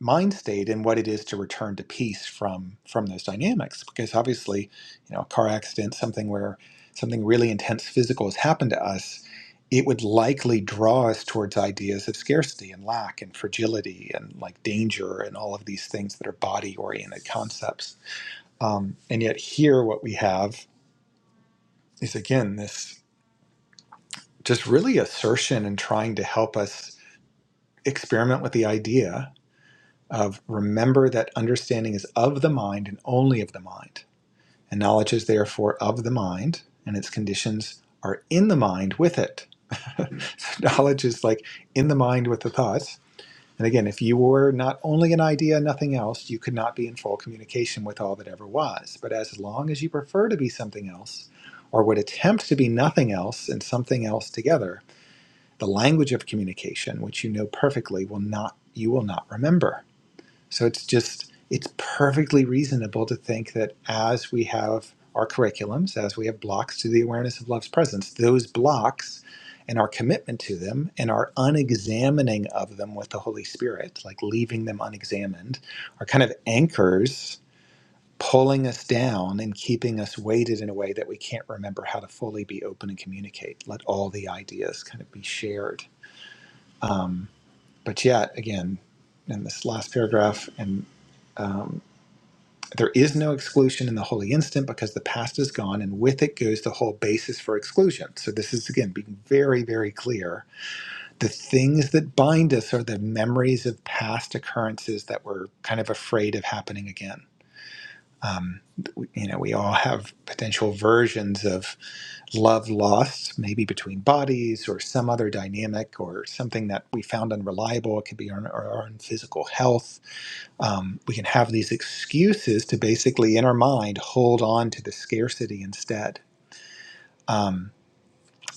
mind state and what it is to return to peace from from those dynamics. Because obviously, you know, a car accident, something where something really intense physical has happened to us, it would likely draw us towards ideas of scarcity and lack and fragility and like danger and all of these things that are body oriented concepts. Um, and yet here, what we have is again this just really assertion and trying to help us experiment with the idea of remember that understanding is of the mind and only of the mind. And knowledge is therefore of the mind, and its conditions are in the mind with it. so knowledge is like in the mind with the thoughts. And again, if you were not only an idea, nothing else, you could not be in full communication with all that ever was. But as long as you prefer to be something else, or would attempt to be nothing else and something else together, the language of communication, which you know perfectly, will not you will not remember. So it's just, it's perfectly reasonable to think that as we have our curriculums, as we have blocks to the awareness of love's presence, those blocks and our commitment to them and our unexamining of them with the Holy Spirit, like leaving them unexamined, are kind of anchors pulling us down and keeping us weighted in a way that we can't remember how to fully be open and communicate. Let all the ideas kind of be shared. Um, but yet, again, in this last paragraph, and um, there is no exclusion in the holy instant because the past is gone, and with it goes the whole basis for exclusion. So, this is again being very, very clear. The things that bind us are the memories of past occurrences that we're kind of afraid of happening again. Um, you know, we all have potential versions of love lost, maybe between bodies or some other dynamic or something that we found unreliable. It could be our, our own physical health um, we can have these excuses to basically in our mind hold on to the scarcity instead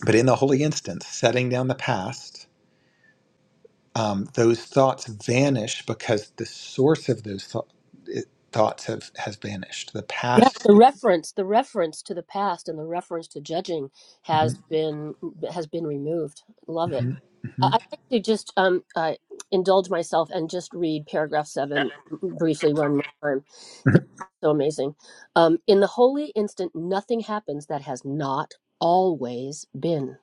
but in the holy instance setting down the past um, those thoughts vanish because the source of those thou- it, thoughts have has vanished the Yeah, past the The, reference, the reference to the past and the reference to judging Mhm, has been has been removed. Love it. mhm, I- I'd mhm. like to just um, uh, indulge myself and just read paragraph seven briefly one more time. This Mhm. is so amazing. Um, in the holy instant, nothing happens that has not always been.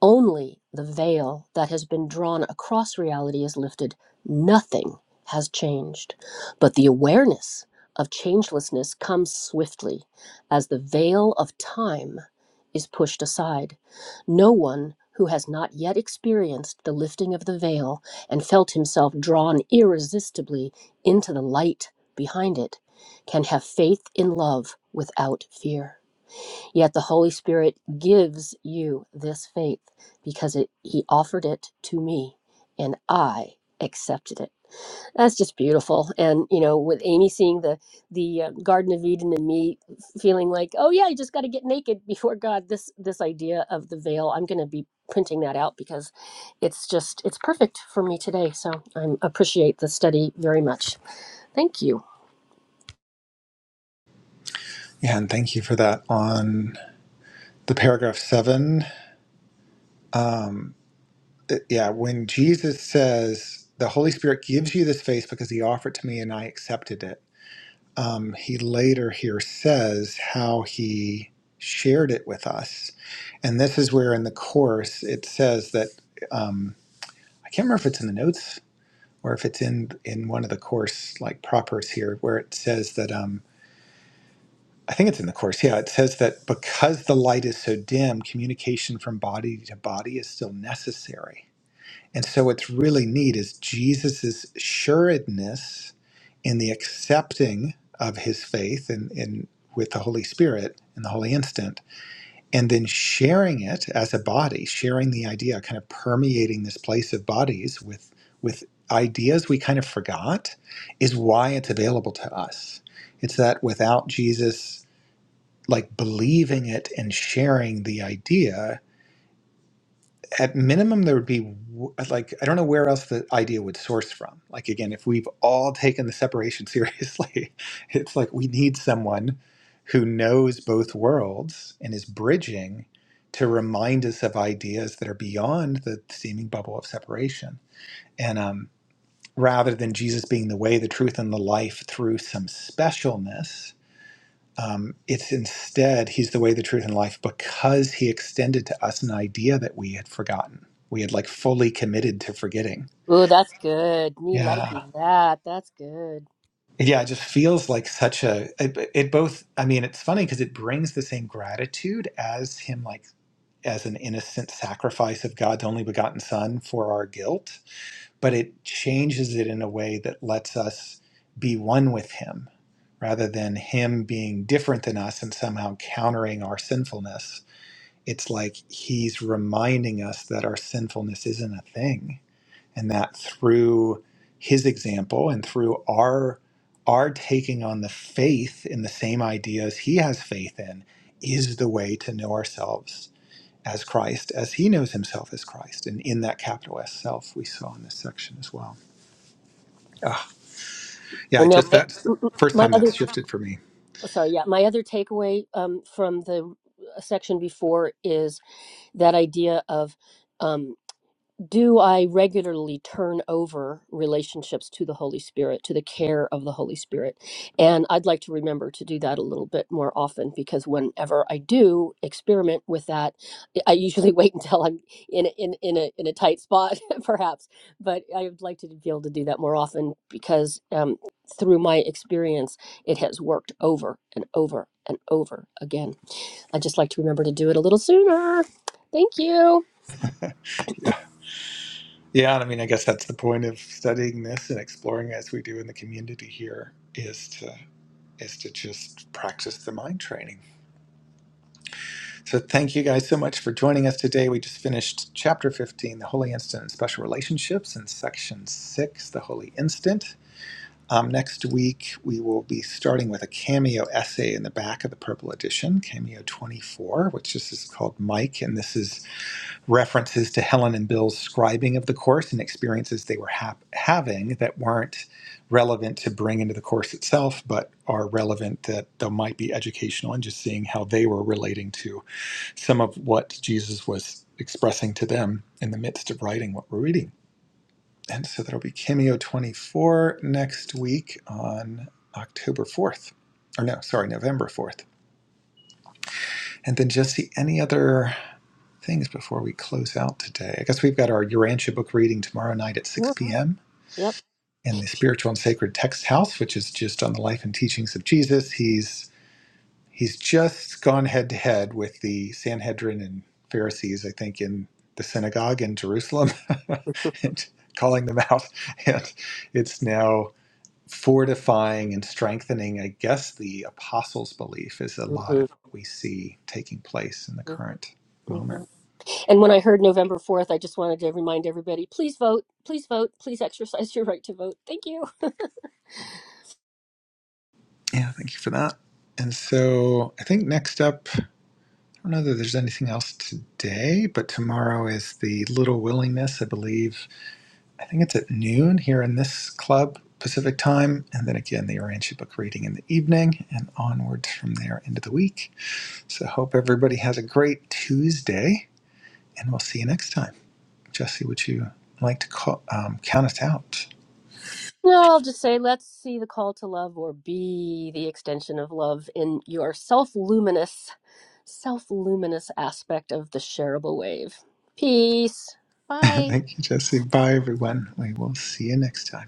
Only the veil that has been drawn across reality is lifted. Nothing has changed. But the awareness of changelessness comes swiftly as the veil of time is pushed aside no one who has not yet experienced the lifting of the veil and felt himself drawn irresistibly into the light behind it can have faith in love without fear. Yet the Holy Spirit gives you this faith because it, He offered it to me and I accepted it. That's just beautiful. And you know, with Amy seeing the the uh, Garden of Eden and me feeling like, oh yeah, you just got to get naked before God. This this idea of the veil, I'm going to be printing that out because it's just it's perfect for me today. So I appreciate the study very much. Thank you. yeah and thank you for that on the paragraph seven it- yeah, when Jesus says the Holy Spirit gives you this face because he offered it to me and I accepted it um, he later here says how he shared it with us. And this is where in the Course it says that um, I can't remember if it's in the notes or if it's in, in one of the Course like propers here, where it says that um, I think it's in the Course. Yeah, it says that because the light is so dim, communication from body to body is still necessary. And so what's really neat is Jesus' sureness in the accepting of his faith and in with the Holy Spirit in the holy instant, and then sharing it as a body, sharing the idea, kind of permeating this place of bodies with with ideas we kind of forgot, is why it's available to us. It's that without Jesus like believing it and sharing the idea, at minimum there would be w- like i don't know where else the idea would source from like again if we've all taken the separation seriously it's like we need someone who knows both worlds and is bridging to remind us of ideas that are beyond the seeming bubble of separation and um, rather than jesus being the way the truth and the life through some specialness um, it's instead, He's the way, the truth, and life because He extended to us an idea that we had forgotten. We had like fully committed to forgetting. Oh, that's good. Me Yeah. liking that. That's good. Yeah. It just feels like such a, it, it both, I mean, it's funny because it brings the same gratitude as Him, like, as an innocent sacrifice of God's only begotten Son for our guilt, but it changes it in a way that lets us be one with Him rather than Him being different than us and somehow countering our sinfulness it's like he's reminding us that our sinfulness isn't a thing and that through his example and through our our taking on the faith in the same ideas he has faith in is the way to know ourselves as Christ as he knows himself as Christ and in that capital S self we saw in this section as well. Ah, yeah, I know just that's the my first my time other that's shifted for me. oh, sorry, yeah, my other takeaway um, from the uh, section before is that idea of. um, do I regularly turn over relationships to the Holy Spirit, to the care of the Holy Spirit? And I'd like to remember to do that a little bit more often because whenever I do experiment with that, I I usually wait until I'm in a, in, in, a, in a tight spot, perhaps. But I would like to be able to do that more often because um, through my experience, it has worked over and over and over again. I'd just like to remember to do it a little sooner. Thank you. Yeah. Yeah, and I mean I guess that's the point of studying this and exploring as we do in the community here is to is to just practice the mind training. So thank you guys so much for joining us today. We just finished chapter 15, the holy instant and special relationships, and section 6, the holy instant. Um, next week, we will be starting with a cameo essay in the back of the purple edition, cameo 24, which this is called Mike, and this is references to Helen and Bill's scribing of the course and experiences they were hap having that weren't relevant to bring into the course itself, but are relevant that they might be educational and just seeing how they were relating to some of what Jesus was expressing to them in the midst of writing what we're reading. And so that'll be Cameo 24 next week on October 4th. Or no, sorry, November 4th. And then just see any other things before we close out today. I guess we've got our Urantia book reading tomorrow night at 6 p.m. Yeah. in the Spiritual and Sacred Text House, which is just on the life and teachings of Jesus. He's he's just gone head to head with the Sanhedrin and Pharisees, I think, in the synagogue in Jerusalem, Yep. and calling them out. And it's now fortifying and strengthening, I guess, the apostles' belief is a lot of what we see taking place in the hmm current moment. And when I heard November 4th, I just wanted to remind everybody please vote, please vote, please exercise your right to vote. Thank you. Yeah, thank you for that. And so I think next up, I don't know that there's anything else today, but tomorrow is the Little Willingness, I believe. I think it's at noon here in this club, Pacific time. And then again, the Orange Book reading in the evening and onwards from there into the week. So hope everybody has a great Tuesday and we'll see you next time. Jesse, would you like to call, um, count us out? No, I'll just say let's see the call to love or be the extension of love in your self luminous, self luminous aspect of the shareable wave. Peace. Bye. thank you, Jesse. Bye, everyone. We will see you next time.